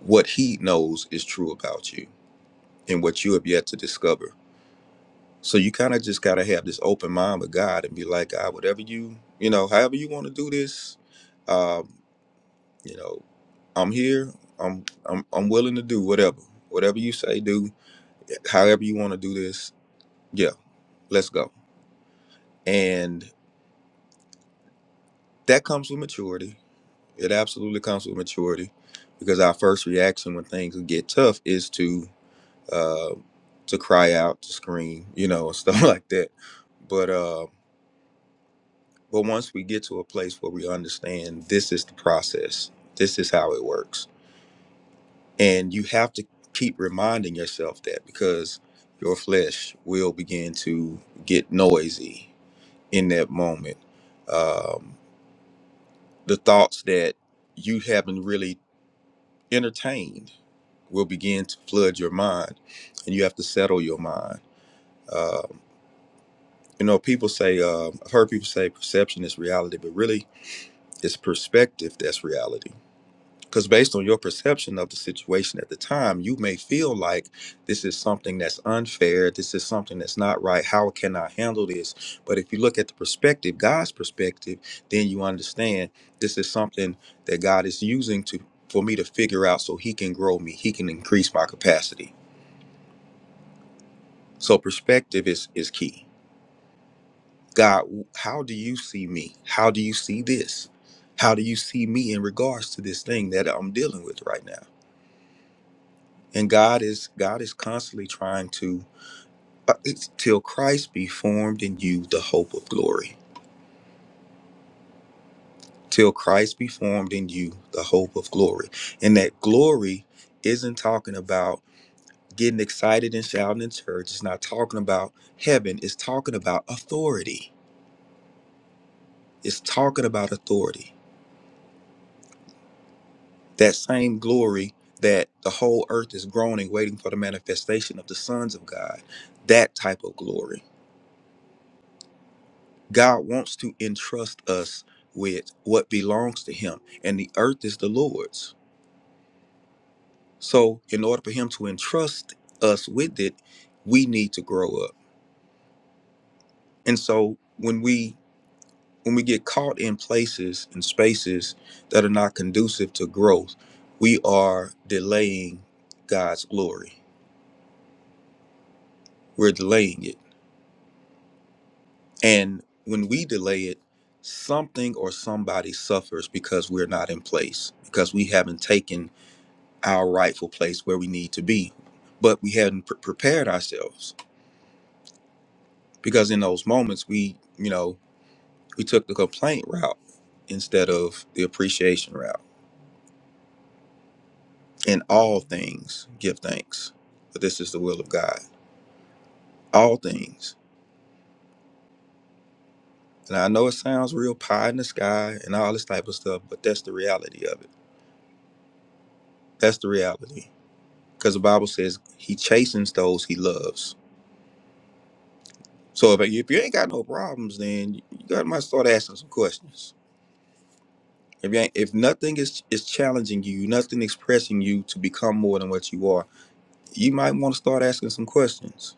[SPEAKER 10] what he knows is true about you and what you have yet to discover So you kind of just gotta have this open mind with God and be like, God, whatever you, you know, however you want to do this, um, you know, I'm here. I'm I'm I'm willing to do whatever, whatever you say, do. However you want to do this, yeah, let's go. And that comes with maturity. It absolutely comes with maturity, because our first reaction when things get tough is to uh, to cry out, to scream, you know, and stuff like that. But uh, But once we get to a place where we understand this is the process, this is how it works. And you have to keep reminding yourself that because your flesh will begin to get noisy in that moment. Um, the thoughts that you haven't really entertained will begin to flood your mind, and you have to settle your mind. Um, you know, people say, um I've heard people say perception is reality, but really it's perspective that's reality Because based on your perception of the situation at the time, you may feel like this is something that's unfair. This is something that's not right. How can I handle this? But if you look at the perspective, God's perspective, then you understand this is something that God is using to for me to figure out so He can grow me. He can increase my capacity. So perspective is is key. God, how do you see me? How do you see this? How do you see me in regards to this thing that I'm dealing with right now? and god is god is constantly trying to uh, it's, till christ be formed in you the hope of glory till christ be formed in you the hope of glory and that glory isn't talking about getting excited and shouting in church it's not talking about heaven it's talking about authority it's talking about authority that same glory that the whole earth is groaning waiting for the manifestation of the sons of god that type of glory God wants to entrust us with what belongs to him, and the earth is the Lord's. So, in order for him to entrust us with it, we need to grow up. And so, when we when we get caught in places and spaces that are not conducive to growth, we are delaying God's glory. We're delaying it. And when we delay it, something or somebody suffers because we're not in place, because we haven't taken our rightful place where we need to be but we hadn't pre- prepared ourselves because in those moments we you know we took the complaint route instead of the appreciation route in all things give thanks but this is the will of god all things and i know it sounds real pie in the sky and all this type of stuff but that's the reality of it that's the reality because the bible says he chastens those he loves so if, if you ain't got no problems then you got might start asking some questions If, you ain't- if nothing is, is challenging you, nothing is pressing you to become more than what you are, you might want to start asking some questions.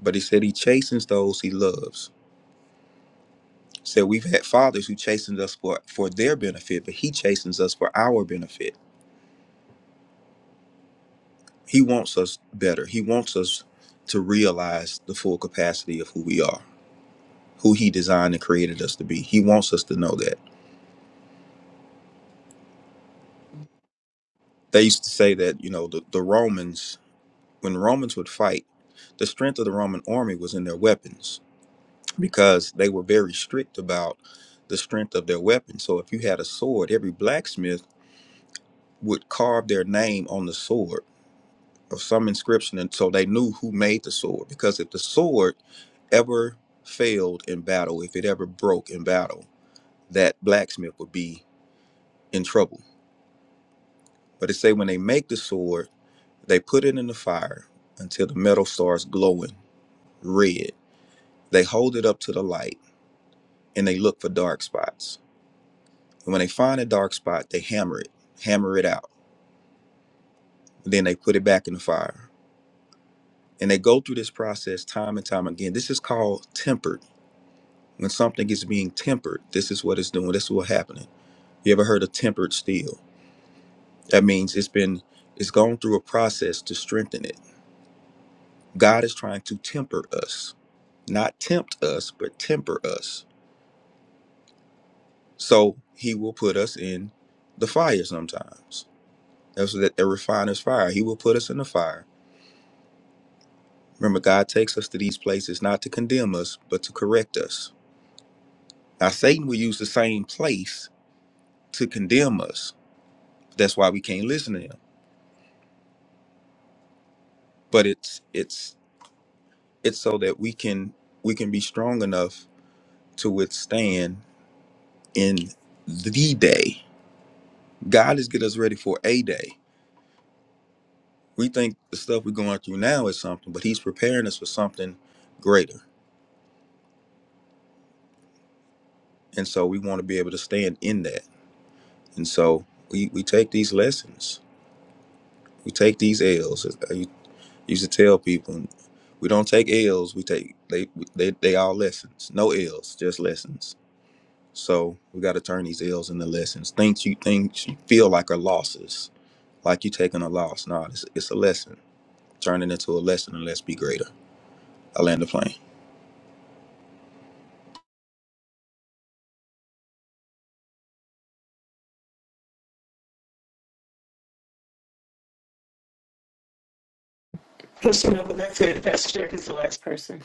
[SPEAKER 10] But he said he chastens those he loves. Said we've had fathers who chastens us for, for their benefit, but he chastens us for our benefit. He wants us better. He wants us to realize the full capacity of who we are, who he designed and created us to be. He wants us to know that. They used to say that, you know, the, the Romans, when the Romans would fight, the strength of the Roman army was in their weapons because they were very strict about the strength of their weapon. So if you had a sword, every blacksmith would carve their name on the sword or some inscription until they knew who made the sword. Because if the sword ever failed in battle, if it ever broke in battle, that blacksmith would be in trouble. But they say when they make the sword, they put it in the fire until the metal starts glowing red. They hold it up to the light and they look for dark spots And when they find a dark spot, they hammer it, hammer it out. Then they put it back in the fire. And they go through this process time and time again. This is called tempered. When something is being tempered, this is what it's doing. This is what's happening. You ever heard of tempered steel? That means it's been it's gone through a process to strengthen it. God is trying to temper us, not tempt us, but temper us. So he will put us in the fire sometimes. That's what that the refiner's fire. He will put us in the fire Remember, God takes us to these places not to condemn us, but to correct us. Now, Satan will use the same place to condemn us. That's why we can't listen to him. But it's it's it's so that we can we can be strong enough to withstand in the day. God is getting us ready for a day. We think the stuff we're going through now is something, but He's preparing us for something greater. And so we want to be able to stand in that. And so we, we take these lessons. We take these L's. used to tell people we don't take L's, we take they they they all lessons. No L's, just lessons. So we got to turn these L's into lessons. Things you things you feel like are losses, like you taking a loss. No, it's, it's a lesson. Turn it into a lesson and let's be greater. I land the plane.
[SPEAKER 3] Pushing over that good. Pastor Jack is the last person.